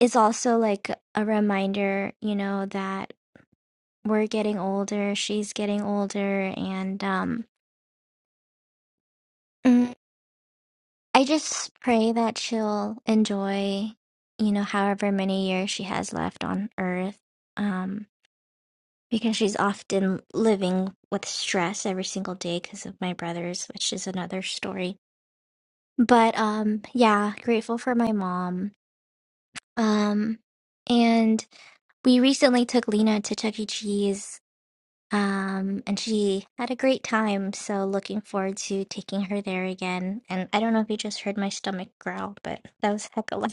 is also like a reminder, you know, that we're getting older, she's getting older, and um, mm, I just pray that she'll enjoy, you know, however many years she has left on Earth. Um, because she's often living with stress every single day because of my brothers, which is another story. But um yeah, grateful for my mom. Um and we recently took Lena to Chuck E. Cheese um and she had a great time, so looking forward to taking her there again. And I don't know if you just heard my stomach growl, but that was heck of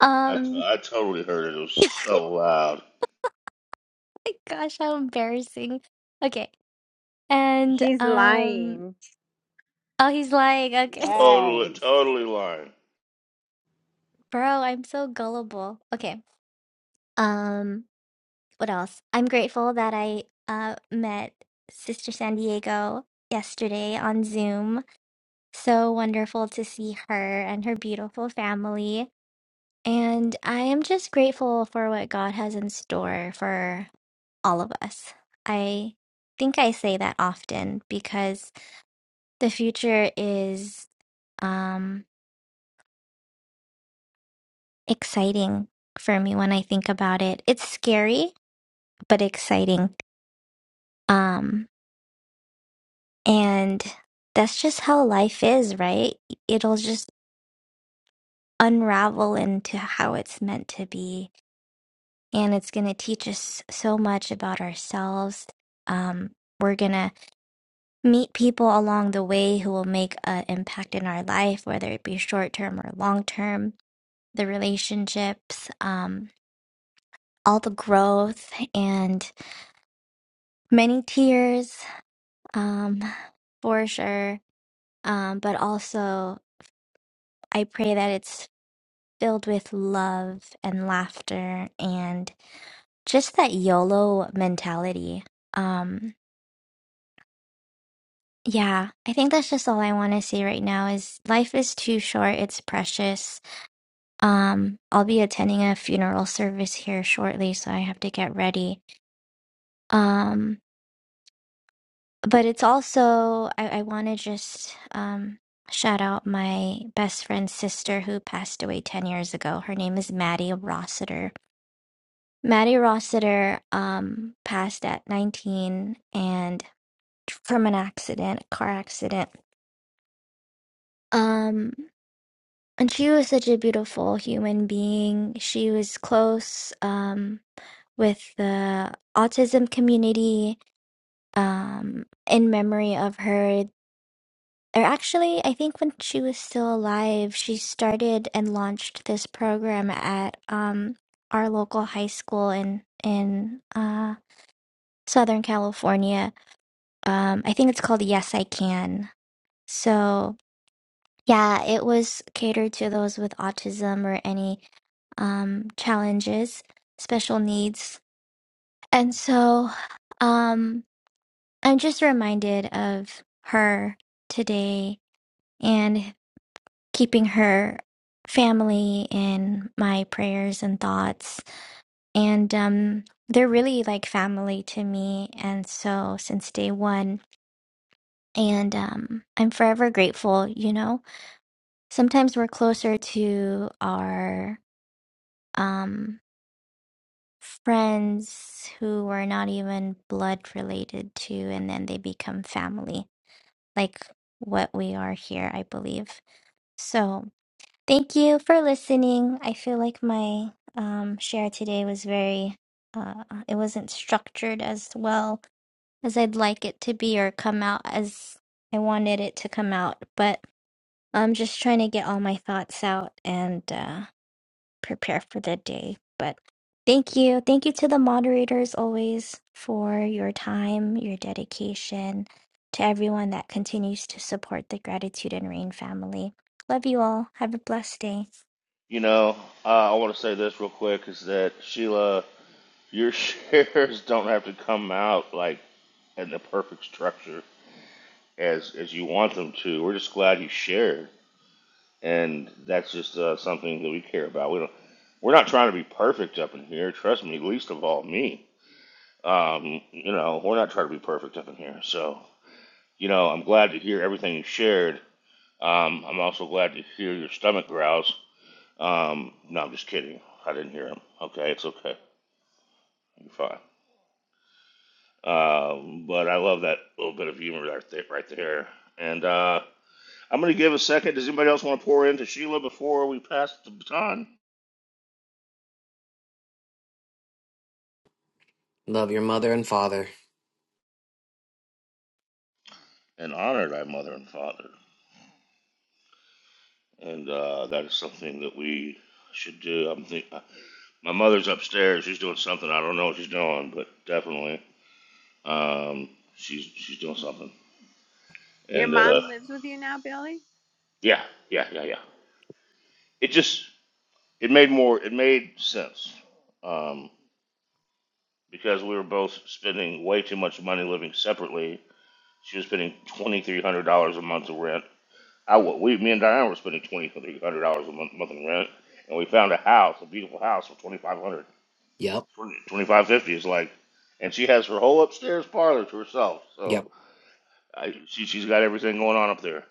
a I, t- um I totally heard it. It was so loud. [LAUGHS] gosh, how embarrassing. Okay. And he's um lying. oh he's lying. Okay. Yes. Totally, totally lying. Bro, I'm so gullible. Okay. Um, what else? I'm grateful that I uh met Sister San Diego yesterday on Zoom. So wonderful to see her and her beautiful family. And I am just grateful for what God has in store for all of us. I think I say that often because the future is um exciting for me when I think about it. It's scary, but exciting Um, and that's just how life is, right? It'll just unravel into how it's meant to be. And it's going to teach us so much about ourselves. Um, we're going to meet people along the way who will make an impact in our life, whether it be short term or long term, the relationships, um, all the growth and many tears, um, [LAUGHS] for sure. Um, but also, I pray that it's filled with love and laughter and just that YOLO mentality. Um, yeah, I think that's just all I want to say right now is life is too short, it's precious. Um, I'll be attending a funeral service here shortly, so I have to get ready. Um, but it's also I, I want to just um shout out my best friend's sister who passed away 10 years ago. Her name is Maddie Rossiter Maddie Rossiter um, passed at 19 and from an accident, a car accident. Um, and she was such a beautiful human being. She was close um, with the autism community um, in memory of her. Or actually, I think when she was still alive, she started and launched this program at um, our local high school in in uh, Southern California um, I think it's called Yes I Can. So yeah, it was catered to those with autism or any um, challenges, special needs. And so um, I'm just reminded of her today and keeping her family in my prayers and thoughts. And um, they're really like family to me. And so since day one, and um, I'm forever grateful, you know sometimes we're closer to our um friends who we're not even blood related to and then they become family like what we are here i believe so thank you for listening i feel like my um share today was very uh it wasn't structured as well as i'd like it to be or come out as i wanted it to come out but i'm just trying to get all my thoughts out and uh, prepare for the day. But thank you. Thank you to the moderators always for your time, your dedication, to everyone that continues to support the Gratitude and Rain family. Love you all. Have a blessed day. You know, uh, I want to say this real quick is that Sheila, your [LAUGHS] shares don't have to come out like in the perfect structure as as you want them to. We're just glad you shared, and that's just uh, something that we care about. We don't, we're not trying to be perfect up in here. Trust me, least of all me. Um, you know, we're not trying to be perfect up in here. So, you know, I'm glad to hear everything you shared. Um, I'm also glad to hear your stomach growls. Um, no, I'm just kidding. I didn't hear him. Okay, it's okay. fine. Um, but I love that little bit of humor right there. Right there. And uh, I'm going to give a second. Does anybody else want to pour into Sheila before we pass the baton? Love your mother and father. And honor thy mother and father. And uh, that is something that we should do. I'm think- uh, my mother's upstairs. She's doing something. I don't know what she's doing, but definitely um, she's she's doing something. Your And uh, mom lives with you now, Billy? yeah, yeah, yeah, yeah. It just it made more it made sense Um, because we were both spending way too much money living separately. She was spending twenty three hundred dollars a month in rent. I wa- we me and Diane were spending twenty three hundred dollars a month, month in rent, and we found a house, a beautiful house for twenty five hundred, Yep. twenty five fifty. Twenty five fifty is like, and she has her whole upstairs parlor to herself. So Yep. I, she she's got everything going on up there,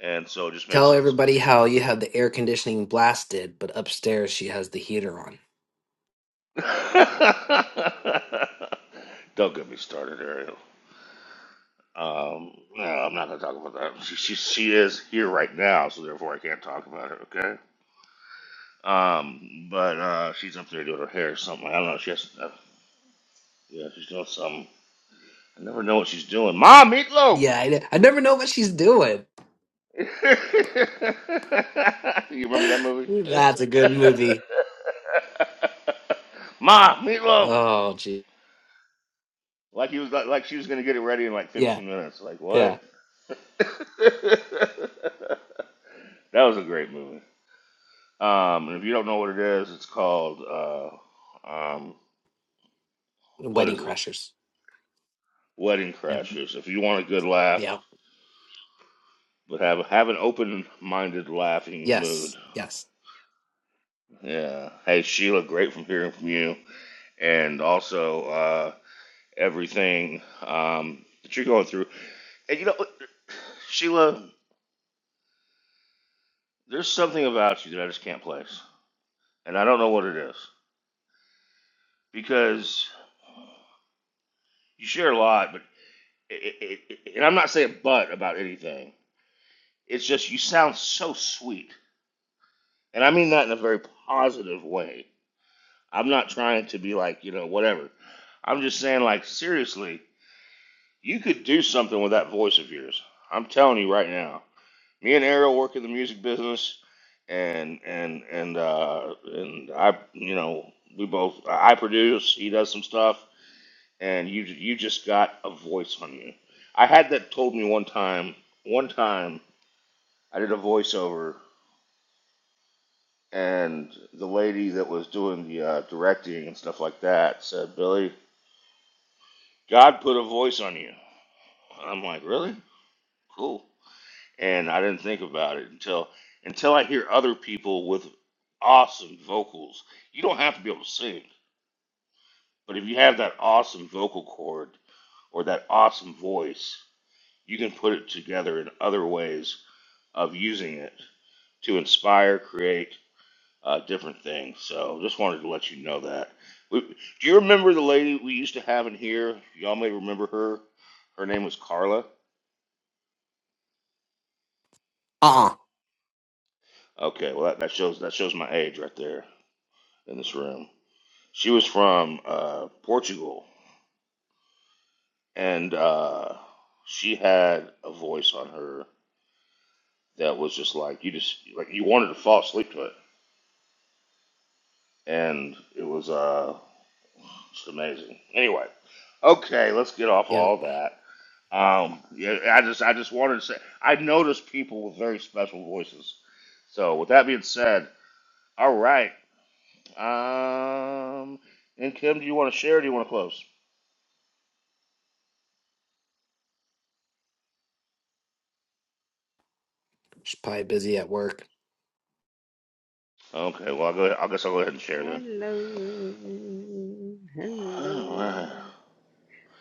and so it just made Tell sense. everybody how you have the air conditioning blasted, but upstairs she has the heater on. [LAUGHS] Don't get me started, Ariel. Um, no, I'm not gonna talk about that. She, she she is here right now, so therefore I can't talk about it. Okay. Um, but uh, she's up there doing her hair or something. I don't know. She has uh, yeah, she's doing something. I never know what she's doing. Mom, meatloaf. Yeah, I, I never know what she's doing. [GASPS] [LAUGHS] you remember that [LAUGHS] movie? [LAUGHS] That's a good movie. Ma, meatloaf. Oh, gee. Like he was like, like she was gonna get it ready in like Yeah, 15 minutes. Like what? yeah. [LAUGHS] that was a great movie. Um, and if you don't know what it is, it's called uh, um, what Wedding is it? Crashers. Wedding Yep. Crashers. If you want a good laugh, Yeah. but have have an open-minded laughing mood. Yes. Yes. Yeah. Hey Sheila, great from hearing from you, and also uh, everything um, that you're going through. And you know, Sheila, there's something about you that I just can't place, and I don't know what it is because you share a lot, but it, it, it, and I'm not saying but about anything It's just you sound so sweet, and I mean that in a very positive way. I'm not trying to be like you know whatever. I'm just saying like seriously, you could do something with that voice of yours. I'm telling you right now. Me and Ariel work in the music business, and and and uh, and I you know we both I produce. He does some stuff, and you you just got a voice on you. I had that told me one time. One time I did a voiceover and the lady that was doing the uh, directing and stuff like that said, "Billy, God put a voice on you." I'm like, "Really? Cool." And I didn't think about it until until I hear other people with awesome vocals. You don't have to be able to sing, but if you have that awesome vocal cord or that awesome voice, you can put it together in other ways of using it to inspire, create, uh, different things. So just wanted to let you know that. We, do you remember the lady we used to have in here? Y'all may remember her. Her name was Carla. Uh-uh. Okay, well that, that shows that shows my age right there in this room. She was from uh, Portugal, and uh, she had a voice on her that was just like you just like you wanted to fall asleep to it, and it was uh, just amazing. Anyway, okay, let's get off Yeah. all that. Um, yeah, I just I just wanted to say I noticed people with very special voices. So with that being said, all right. Um, and Kim, do you want to share? or Do you want to close? She's probably busy at work. Okay, well I'll go. I guess I'll go ahead and share then. Hello. All Hello. right.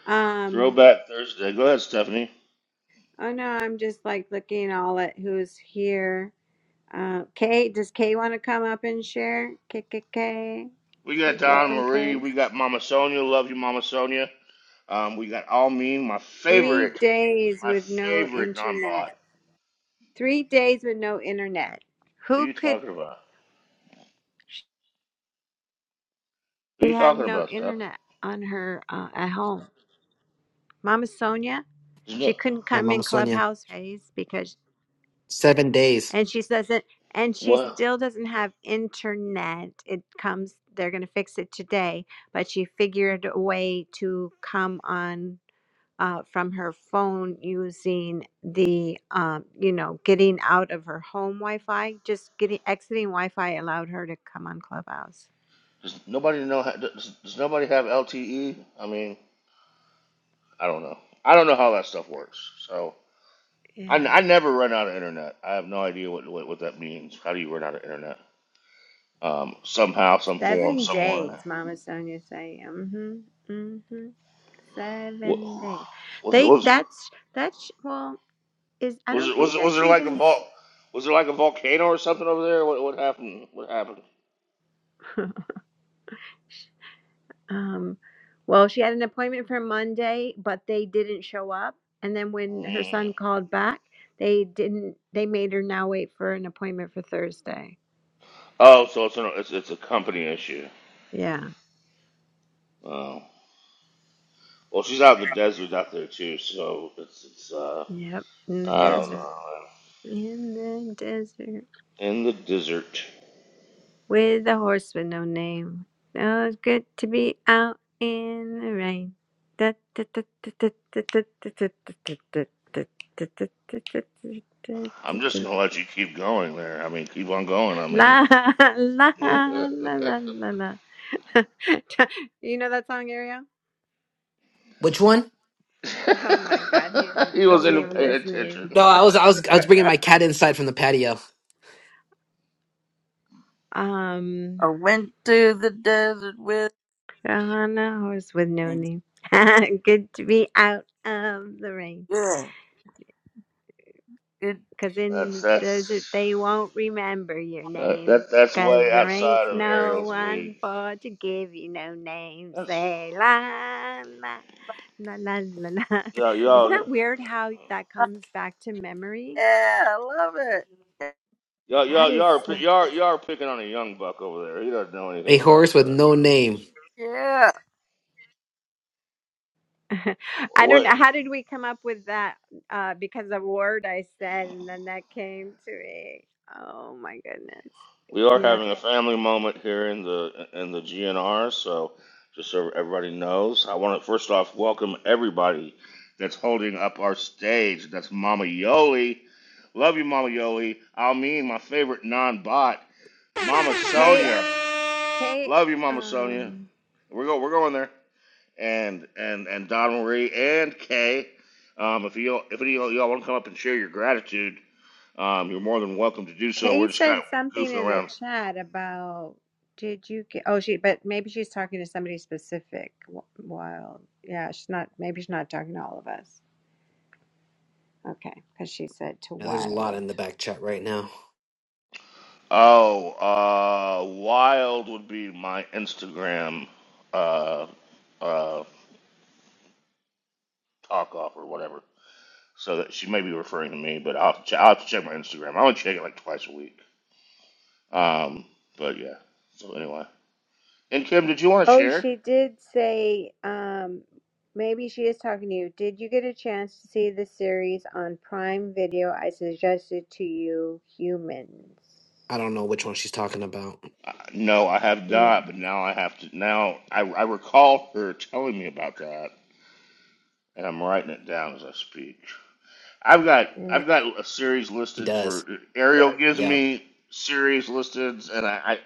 Um, Throwback Thursday. Go ahead, Stephanie. oh no, I'm just like looking all at who's here. Uh, Kay, does Kay want to come up and share? K K K. We got Donna Welcome, Marie. Kay. We got Mama Sonia. Love you, Mama Sonia. Um, we got All Mean, my Three favorite, days my with no favorite non-bot. internet. Three days with no internet. Who Who you could? talking about? Who She you had talking no about, Steph? internet on her uh, at home. Mama Sonia, There's she no- couldn't Yeah, come Mama in Sonia. Clubhouse phase because, Seven days. and she doesn't, and she What? still doesn't have internet. It comes, they're going to fix it today, but she figured a way to come on uh, from her phone using the, um, you know, getting out of her home Wi Fi. Just getting, exiting Wi Fi allowed her to come on Clubhouse. Does nobody know? Does, does nobody have LTE? I mean, I don't know. I don't know how that stuff works. So I, Yeah. I never run out of internet. I have no idea what, what what that means. How do you run out of internet? Um, somehow, some form, Seven somewhere. days, Mama Sonia say. Mm-hmm. Mm-hmm. What, Seven days. was it They was that's that's well, is I was don't it was think it was that's there like a even vol- was there like a volcano or something over there? What what happened? What happened? [LAUGHS] um well, she had an appointment for Monday, but they didn't show up. And then when her Mm. son called back, they didn't they made her now wait for an appointment for Thursday. Oh, so it's an, it's it's a company issue. Yeah. Oh, well, she's out in the desert out there too, so it's it's uh Yep. In the I don't desert. know. In the desert. in the desert. with a horse with no name. Oh, it's good to be out in the rain. Da, da, da, da, da, da, da, da, da, da, da, da, da, da, da, da, da, da, I'm just da. gonna let you keep going there. I mean, keep on going. I mean, La la la la la la. [LAUGHS] You know that song, Ariel? Which one? Oh my God, he [LAUGHS] didn't, he wasn't wasn't even even paying listening. attention. No, I was I was I was bringing my cat inside from the patio. I Um, went to the desert with on a horse with no me. name. [LAUGHS] Good to be out of the rain. Yeah. Good. Because [LAUGHS] in That's the desert that's they won't remember your uh, that name. that's Because way there ain't outside of no Ariel's one league. for to give you no name. That's Say la la la la la la. y'all [LAUGHS] Isn't y'all that weird how that comes back to memory? Yeah, I love it. y'all That y'all y'all is are, pi- so. y'all are- y'all are picking on a young buck over there. He doesn't know anything A about horse with that. no name. He's- Yeah. [LAUGHS] I don't What know. How did we come up with that? Uh, because of a word I said, and then that came to me. Oh my goodness. We are Yeah. having a family moment here in the in the GNR, so just so everybody knows, I want to first off welcome everybody that's holding up our stage. That's Mama Yoli, love you, Mama Yoli. Almeen, my favorite non-bot, Mama K. Sonia, K. love you, Mama Sonia. Um. We're go we're going there, and and and Don Marie and Kay. Um, if you if any of y'all want to come up and share your gratitude, um, you're more than welcome to do so. We're Kay just kind said of something goofing in the around chat about did you get oh she but maybe she's talking to somebody specific. Wh- Wild, yeah, she's not. Maybe she's not talking to all of us. Okay, because she said to Yeah, there's a lot wild. in the back chat right now. Oh, uh, Wild would be my Instagram uh, uh, talk off or whatever. So that she may be referring to me, but I'll have to check, I'll have to check my Instagram. I only check it like twice a week. Um, but yeah. So anyway, and Kim, did you want to Oh, share? she did say. Um, maybe she is talking to you. Did you get a chance to see the series on Prime Video? I suggested to you, humans. I don't know which one she's talking about. No, I have Mm, not. But now I have to. Now I, I recall her telling me about that, and I'm writing it down as I speak. I've got mm, I've got a series He listed for does. Ariel gives Yeah. I me series listed, and I,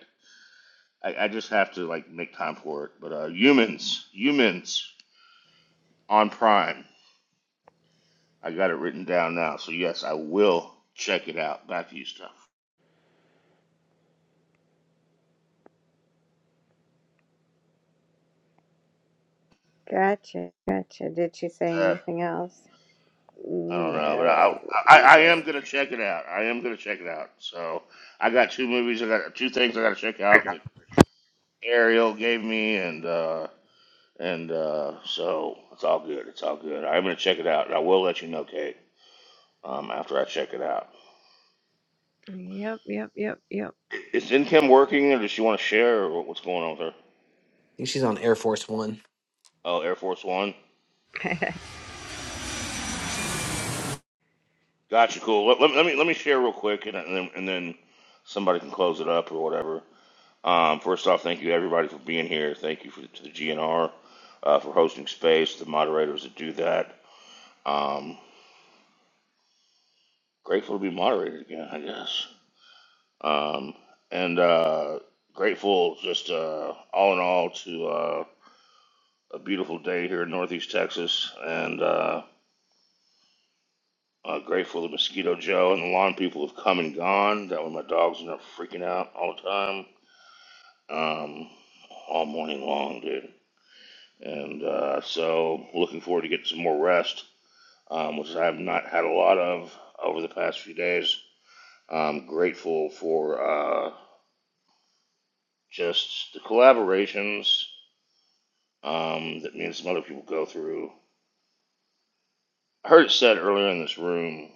I, I just have to like make time for it. But uh, humans, humans on Prime. I got it written down now. So yes, I will check it out. Back to you, stuff. Gotcha, gotcha. Did she say Uh, anything else? I don't know, but No, I, I I no. am gonna check it out. I am gonna check it out. So I got two movies. I got two things I got to check Hey, out that Ariel gave me, and uh, and uh, so it's all good. It's all good. I'm gonna check it out, and I will let you know, Kate, um, after I check it out. Yep, yep, yep, yep. Is income working, or does she want to share, or what's going on with her? think she's on Air Force One. Oh, Air Force One. [LAUGHS] Gotcha. Cool. Let, let, let me let me share real quick, and, and then and then somebody can close it up or whatever. Um, first off, thank you everybody for being here. Thank you for, to the GNR uh, for hosting space. The moderators that do that. Um, grateful to be moderated again, I guess. Um, and uh, grateful just uh, all in all to uh, a beautiful day here in Northeast Texas, and. Uh, Uh, grateful to Mosquito Joe and the lawn people have come and gone. That way my dogs are not freaking out all the time, um, all morning long, dude. And uh, so looking forward to getting some more rest, um, which I have not had a lot of over the past few days. I'm grateful for uh, just the collaborations um, that me and some other people go through. I heard it said earlier in this room,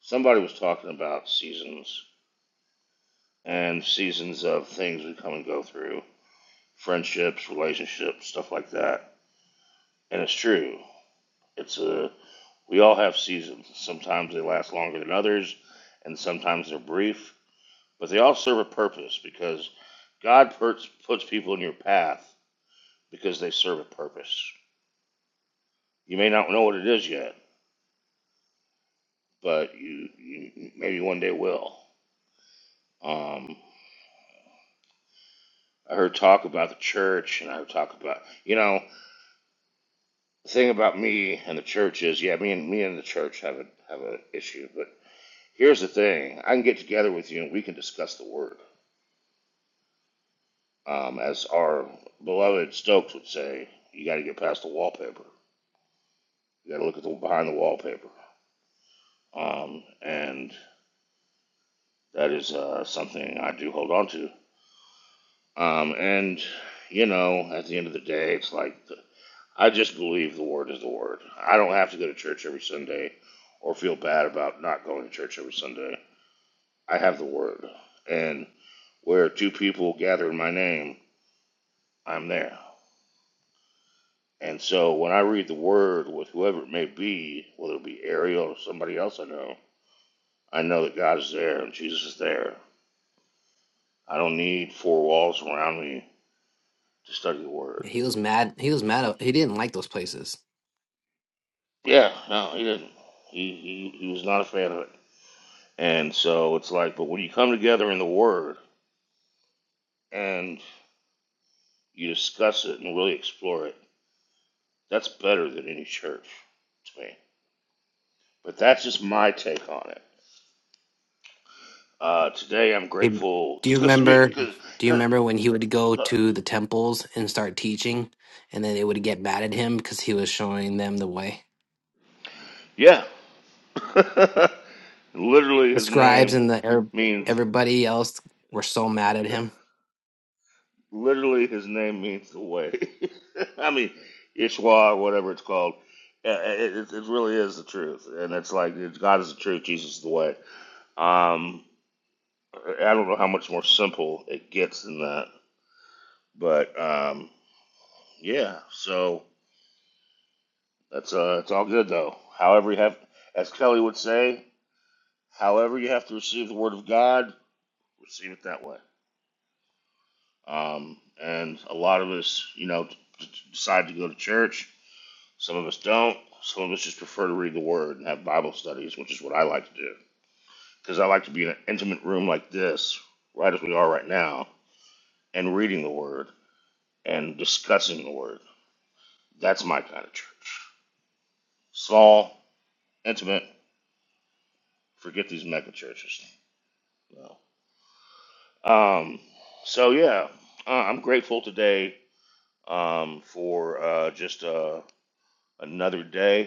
somebody was talking about seasons and seasons of things we come and go through. friendships, relationships, stuff like that. And it's true. It's a we all have seasons. Sometimes they last longer than others, and sometimes they're brief. But they all serve a purpose because God puts puts people in your path because they serve a purpose. You may not know what it is yet, but you, you maybe one day will. Um, I heard talk about the church, and I heard talk about you know the thing about me and the church is yeah, me and me and the church have a have an issue, but Here's the thing: I can get together with you and we can discuss the word. Um, as our beloved Stokes would say, you got to get past the wallpaper. You got to look at the behind the wallpaper, um, and that is uh, something I do hold on to. Um, and you know, at the end of the day, it's like the, I just believe the word is the word. I don't have to go to church every Sunday or feel bad about not going to church every Sunday. I have the word, and where two people gather in my name, I'm there. And so when I read the word with whoever it may be, whether it be Ariel or somebody else I know, I know that God is there and Jesus is there. I don't need four walls around me to study the word. Yeah, He was mad. He was mad. He didn't like those places. Yeah, no, he didn't. He, he, he was not a fan of it. And so it's like, but when you come together in the word and you discuss it and really explore it, that's better than any church to me. But that's just my take on it. Uh, today I'm Hey, grateful do you because to me, remember? because, Do you because, remember when he would go to the temples and start teaching, and then they would get mad at him because he was showing them the way? yeah, [LAUGHS] literally, The his scribes name and the Arab- means everybody else were so mad at him. literally his name means the way. [LAUGHS] I mean, Ishwa, whatever it's called. Uh, It, it, it really is the truth, and it's like God is the truth, Jesus is the way. Um, I don't know how much more simple it gets than that, but um, yeah. So that's uh, it's all good though. However, you have, as Kelly would say, however you have to receive the Word of God, receive it that way. Um, and a lot of us, you know, d- d- decide to go to church. Some of us don't. Some of us just prefer to read the Word and have Bible studies, which is what I like to do. Because I like to be in an intimate room like this, right as we are right now, and reading the Word and discussing the Word. That's my kind of church. Small, intimate, forget these mega churches. No. Um, so, yeah, uh, I'm grateful today um, for uh, just uh, another day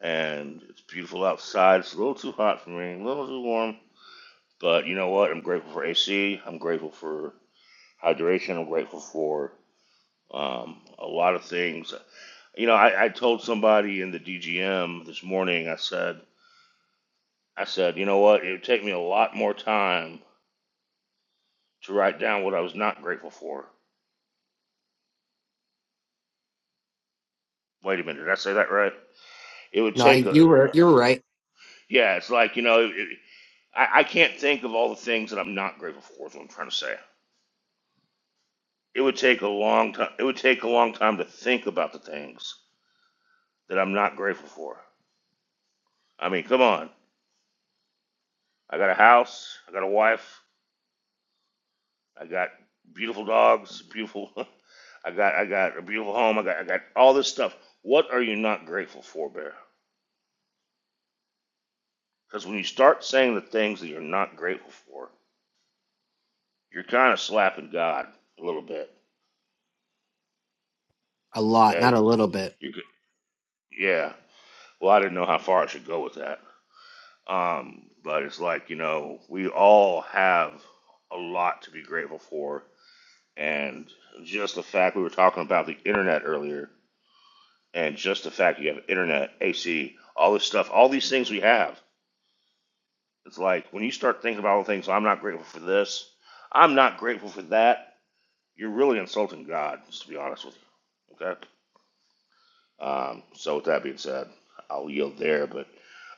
and it's beautiful outside. It's a little too hot for me, a little too warm. But you know what? I'm grateful for AC. I'm grateful for hydration. I'm grateful for um, a lot of things. You know, I, I told somebody in the DGM this morning. I said, I said, you know what? It would take me a lot more time to write down what I was not grateful for. Wait a minute, did I say that right? It would No, I, take a you were you were right. yeah. It's like you know, it, I, I can't think of all the things that I'm not grateful for. Is what I'm trying to say. it would take a long time. It would take a long time to think about the things that I'm not grateful for. I mean, come on. I got a house. I got a wife. I got beautiful dogs. Beautiful. [LAUGHS] I got I got a beautiful home. I got I got all this stuff. What are you not grateful for, Bear? Because when you start saying the things that you're not grateful for, you're kind of slapping God a little bit. A lot, not Okay. a little bit. You're Yeah. Well, I didn't know how far I should go with that. Um, but it's like, you know, we all have a lot to be grateful for. And just the fact we were talking about the internet earlier, and just the fact you have internet, AC, all this stuff, all these things we have. It's like when you start thinking about all the things, I'm not grateful for this, I'm not grateful for that, you're really insulting God, just to be honest with you. Okay? Um, so, with that being said, I'll yield there, but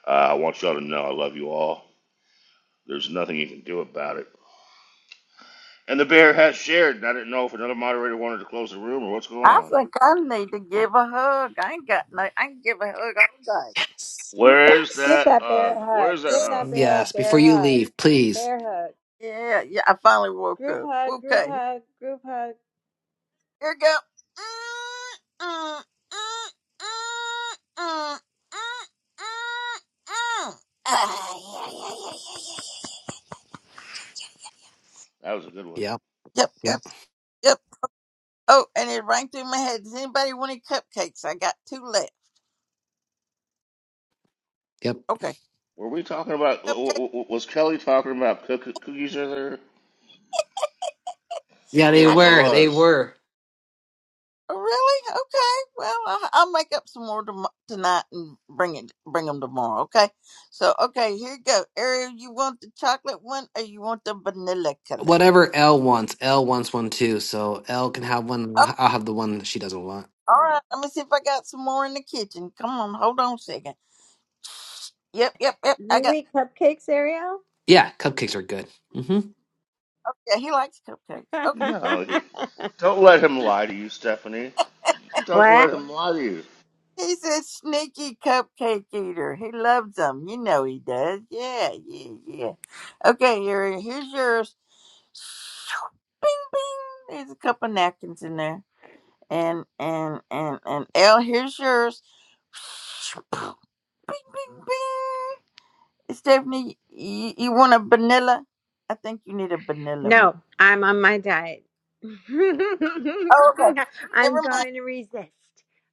uh, I want y'all to know I love you all. There's nothing you can do about it And the bear has shared. and I didn't know if another moderator wanted to close the room or what's going I on. think I need to give a hug. I ain't got no I can give a hug all day. Yes, Where's Give that yes, that bear hug? a hug. Where's that Give hug? that bear a yes. Before bear you hug. leave, please. Bear hug. Yeah, yeah, I finally woke Group up. hug, group Okay. hug, group hug. Here we go. Mm, mm, mm, mm, mm, mm, mm. Ah, yeah, yeah, yeah, yeah, yeah, yeah. That was a good one. Yep. Yep, yep, Yep. yep. Oh, and it rang through my head. Does anybody want any cupcakes? I got two left. Yep. Okay, Were we talking about? w- cupcake. w- w- Was Kelly talking about cook- cookies earlier? Yeah, they Yeah, I she don't were. know. They was. were. Really? Okay. Well, I, I'll make up some more tom- tonight and bring it, bring them tomorrow. Okay. So, okay, here you go. Ariel, you want the chocolate one or you want the vanilla color? Whatever L wants. L wants one too. So L can have one. and I'll I'll have the one that she doesn't want. All right, let me see if I got some more in the kitchen. Come on, hold on a second. Yep, yep, yep. I You got. eat cupcakes, Ariel? Yeah, cupcakes are good. mm hmm Yeah, he likes cupcakes. [LAUGHS] Okay, No, he- don't let him lie to you, Stephanie. Don't let what? him lie to you. he's a sneaky cupcake eater. He loves them. You know he does. Yeah, yeah, yeah. Okay, here, here's yours. Bing, bing. There's a couple napkins in there, and and and and L. Here's yours. Bing, bing, bing. Stephanie, you, you want a vanilla? I think you need a vanilla one. No, I'm on my diet. [LAUGHS] Oh, okay. I'm Never mind. going to resist.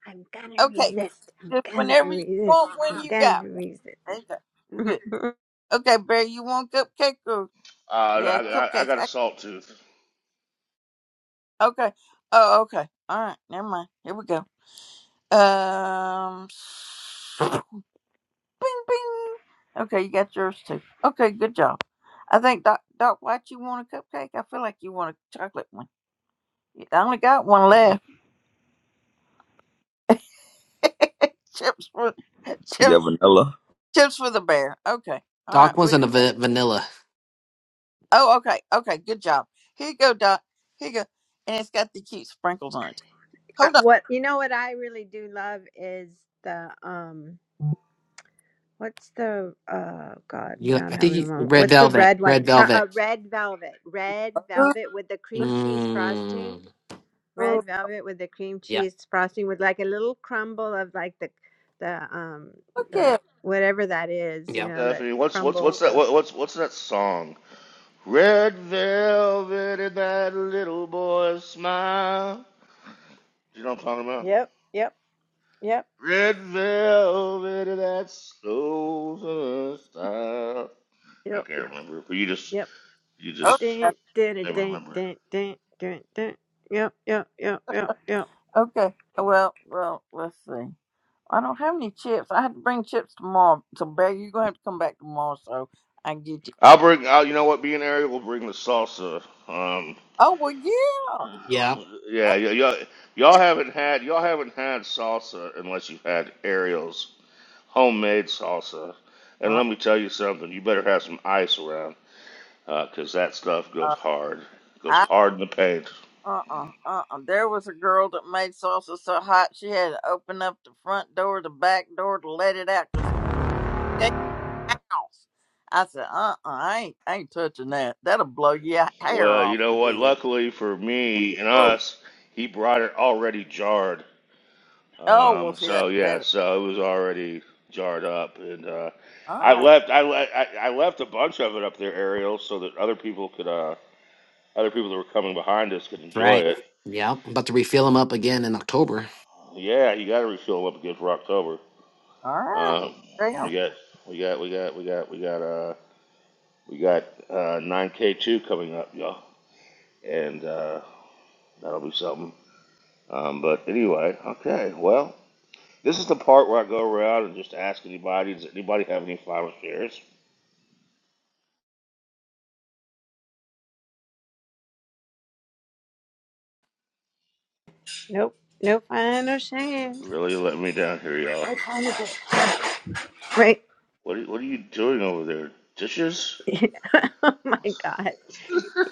I'm gonna Okay. resist. Just I'm whenever gonna you resist. want, I'm when you got gonna resist. one. Okay. you good. [LAUGHS] Okay, Barry, you want cupcake or Uh, yeah, I, I, I cupcakes. got a I, salt tooth. okay. Oh, okay. All right. Never mind. Here we go. Um. Bing, bing. Okay, you got yours too. Okay, good job. I think Doc Doc White, you want a cupcake? I feel like you want a chocolate one. I only got one left. [LAUGHS] chips for chips got vanilla. chips for the bear. Okay. All right. Doc wants We on a va- vanilla. Oh, okay, okay, good job. Here you go, Doc. Here you go, and it's got the cute sprinkles on it. Uh, Hold what you know? What I really do love is the um. on. What's the uh God? You, Now I'm I think having a you, moment. red What's the velvet. red one? Red Ch- velvet. uh, red velvet. Red velvet with the cream cheese frosting. Mmm. Ooh, Red velvet with the cream Yep. cheese frosting with like a little crumble of like the the um Look the at. it. whatever that is, you Yep. know, that Stephanie, what's what's crumble what's that? stuff. What, what's what's that song? Red velvet and that little boy's smile. You know what I'm talking about? Yep, yep, yep, Red velvet of that soul style. I yep, can't remember, but you just yep. you Oh, just Dun, dun, never dun, remember. it. dun, dun, dun, dun. dun. Yep, yep, yep, yep, yep. okay. Well, well, let's see. I don't have any chips. I had to bring chips tomorrow. So, Bear, you're gonna have to come back tomorrow so I can get you. I'll bring. I'll, you know what? Being Ariel will bring the salsa. Um, Oh well, Yep. yeah, y- y'all, y'all yeah. haven't had y'all haven't had salsa unless you've had Ariel's homemade salsa. And Uh let me tell you something. You better have some ice around, uh, 'cause that stuff goes uh hard. Goes I hard in the paint. uh uh uh uh. There was a girl that made salsa so hot she had to open up the front door, the back door to let it out because house. I said, uh uh I ain't I ain't touching that. That'll blow your hair Well, off you know what? your head. Luckily for me and [LAUGHS] us, he brought it already jarred. Oh well Um, see that's so yeah, better. so it was already jarred up, and uh, All I right. left. I, le- I I left a bunch of it up there, Ariel, so that other people could, uh, other people that were coming behind us could enjoy Right. it. Yep. I'm about to refill them up again in October. Yeah, you got to refill them up again for October. All Um, right. we got, we got, we got, we got, we got, uh, we got uh, 9K2 coming up, y'all, and uh, that'll be something. Um, but anyway, okay, well. This is the part where I go around and just ask anybody, does anybody have any final shares? Nope. No fun or shame. Really let me down here, y'all. What time is it? Right. What are, what are you doing over there? Dishes? [LAUGHS] oh my God.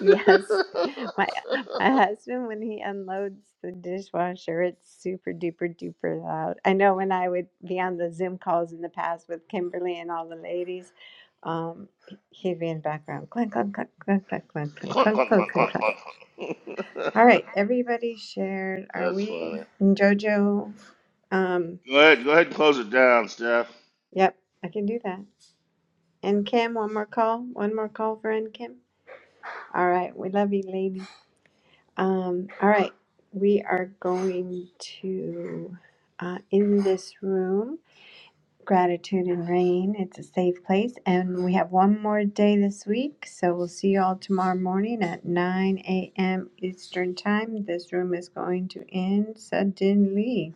Yes. My my husband when he unloads the dishwasher, it's super duper duper loud. I know when I would be on the Zoom calls in the past with Kimberly and all the ladies, um, he'd be in background. Clunk clunk clunk clunk clunk clunk clunk Clunk, clunk clunk, clunk clunk, clunk. clunk, clunk. clunk. All right, everybody shared. [LAUGHS] Are That's we funny. and Jojo? Um, Go ahead, go ahead and close it down, Steph. yep, I can do that. And Kim, one more call. One more call for N Kim. All right. We love you, lady. Um, all right. We are going to, uh, in this room, gratitude and rain. It's a safe place. And we have one more day this week. So we'll see you all tomorrow morning at 9 a.m. Eastern Time. This room is going to end suddenly.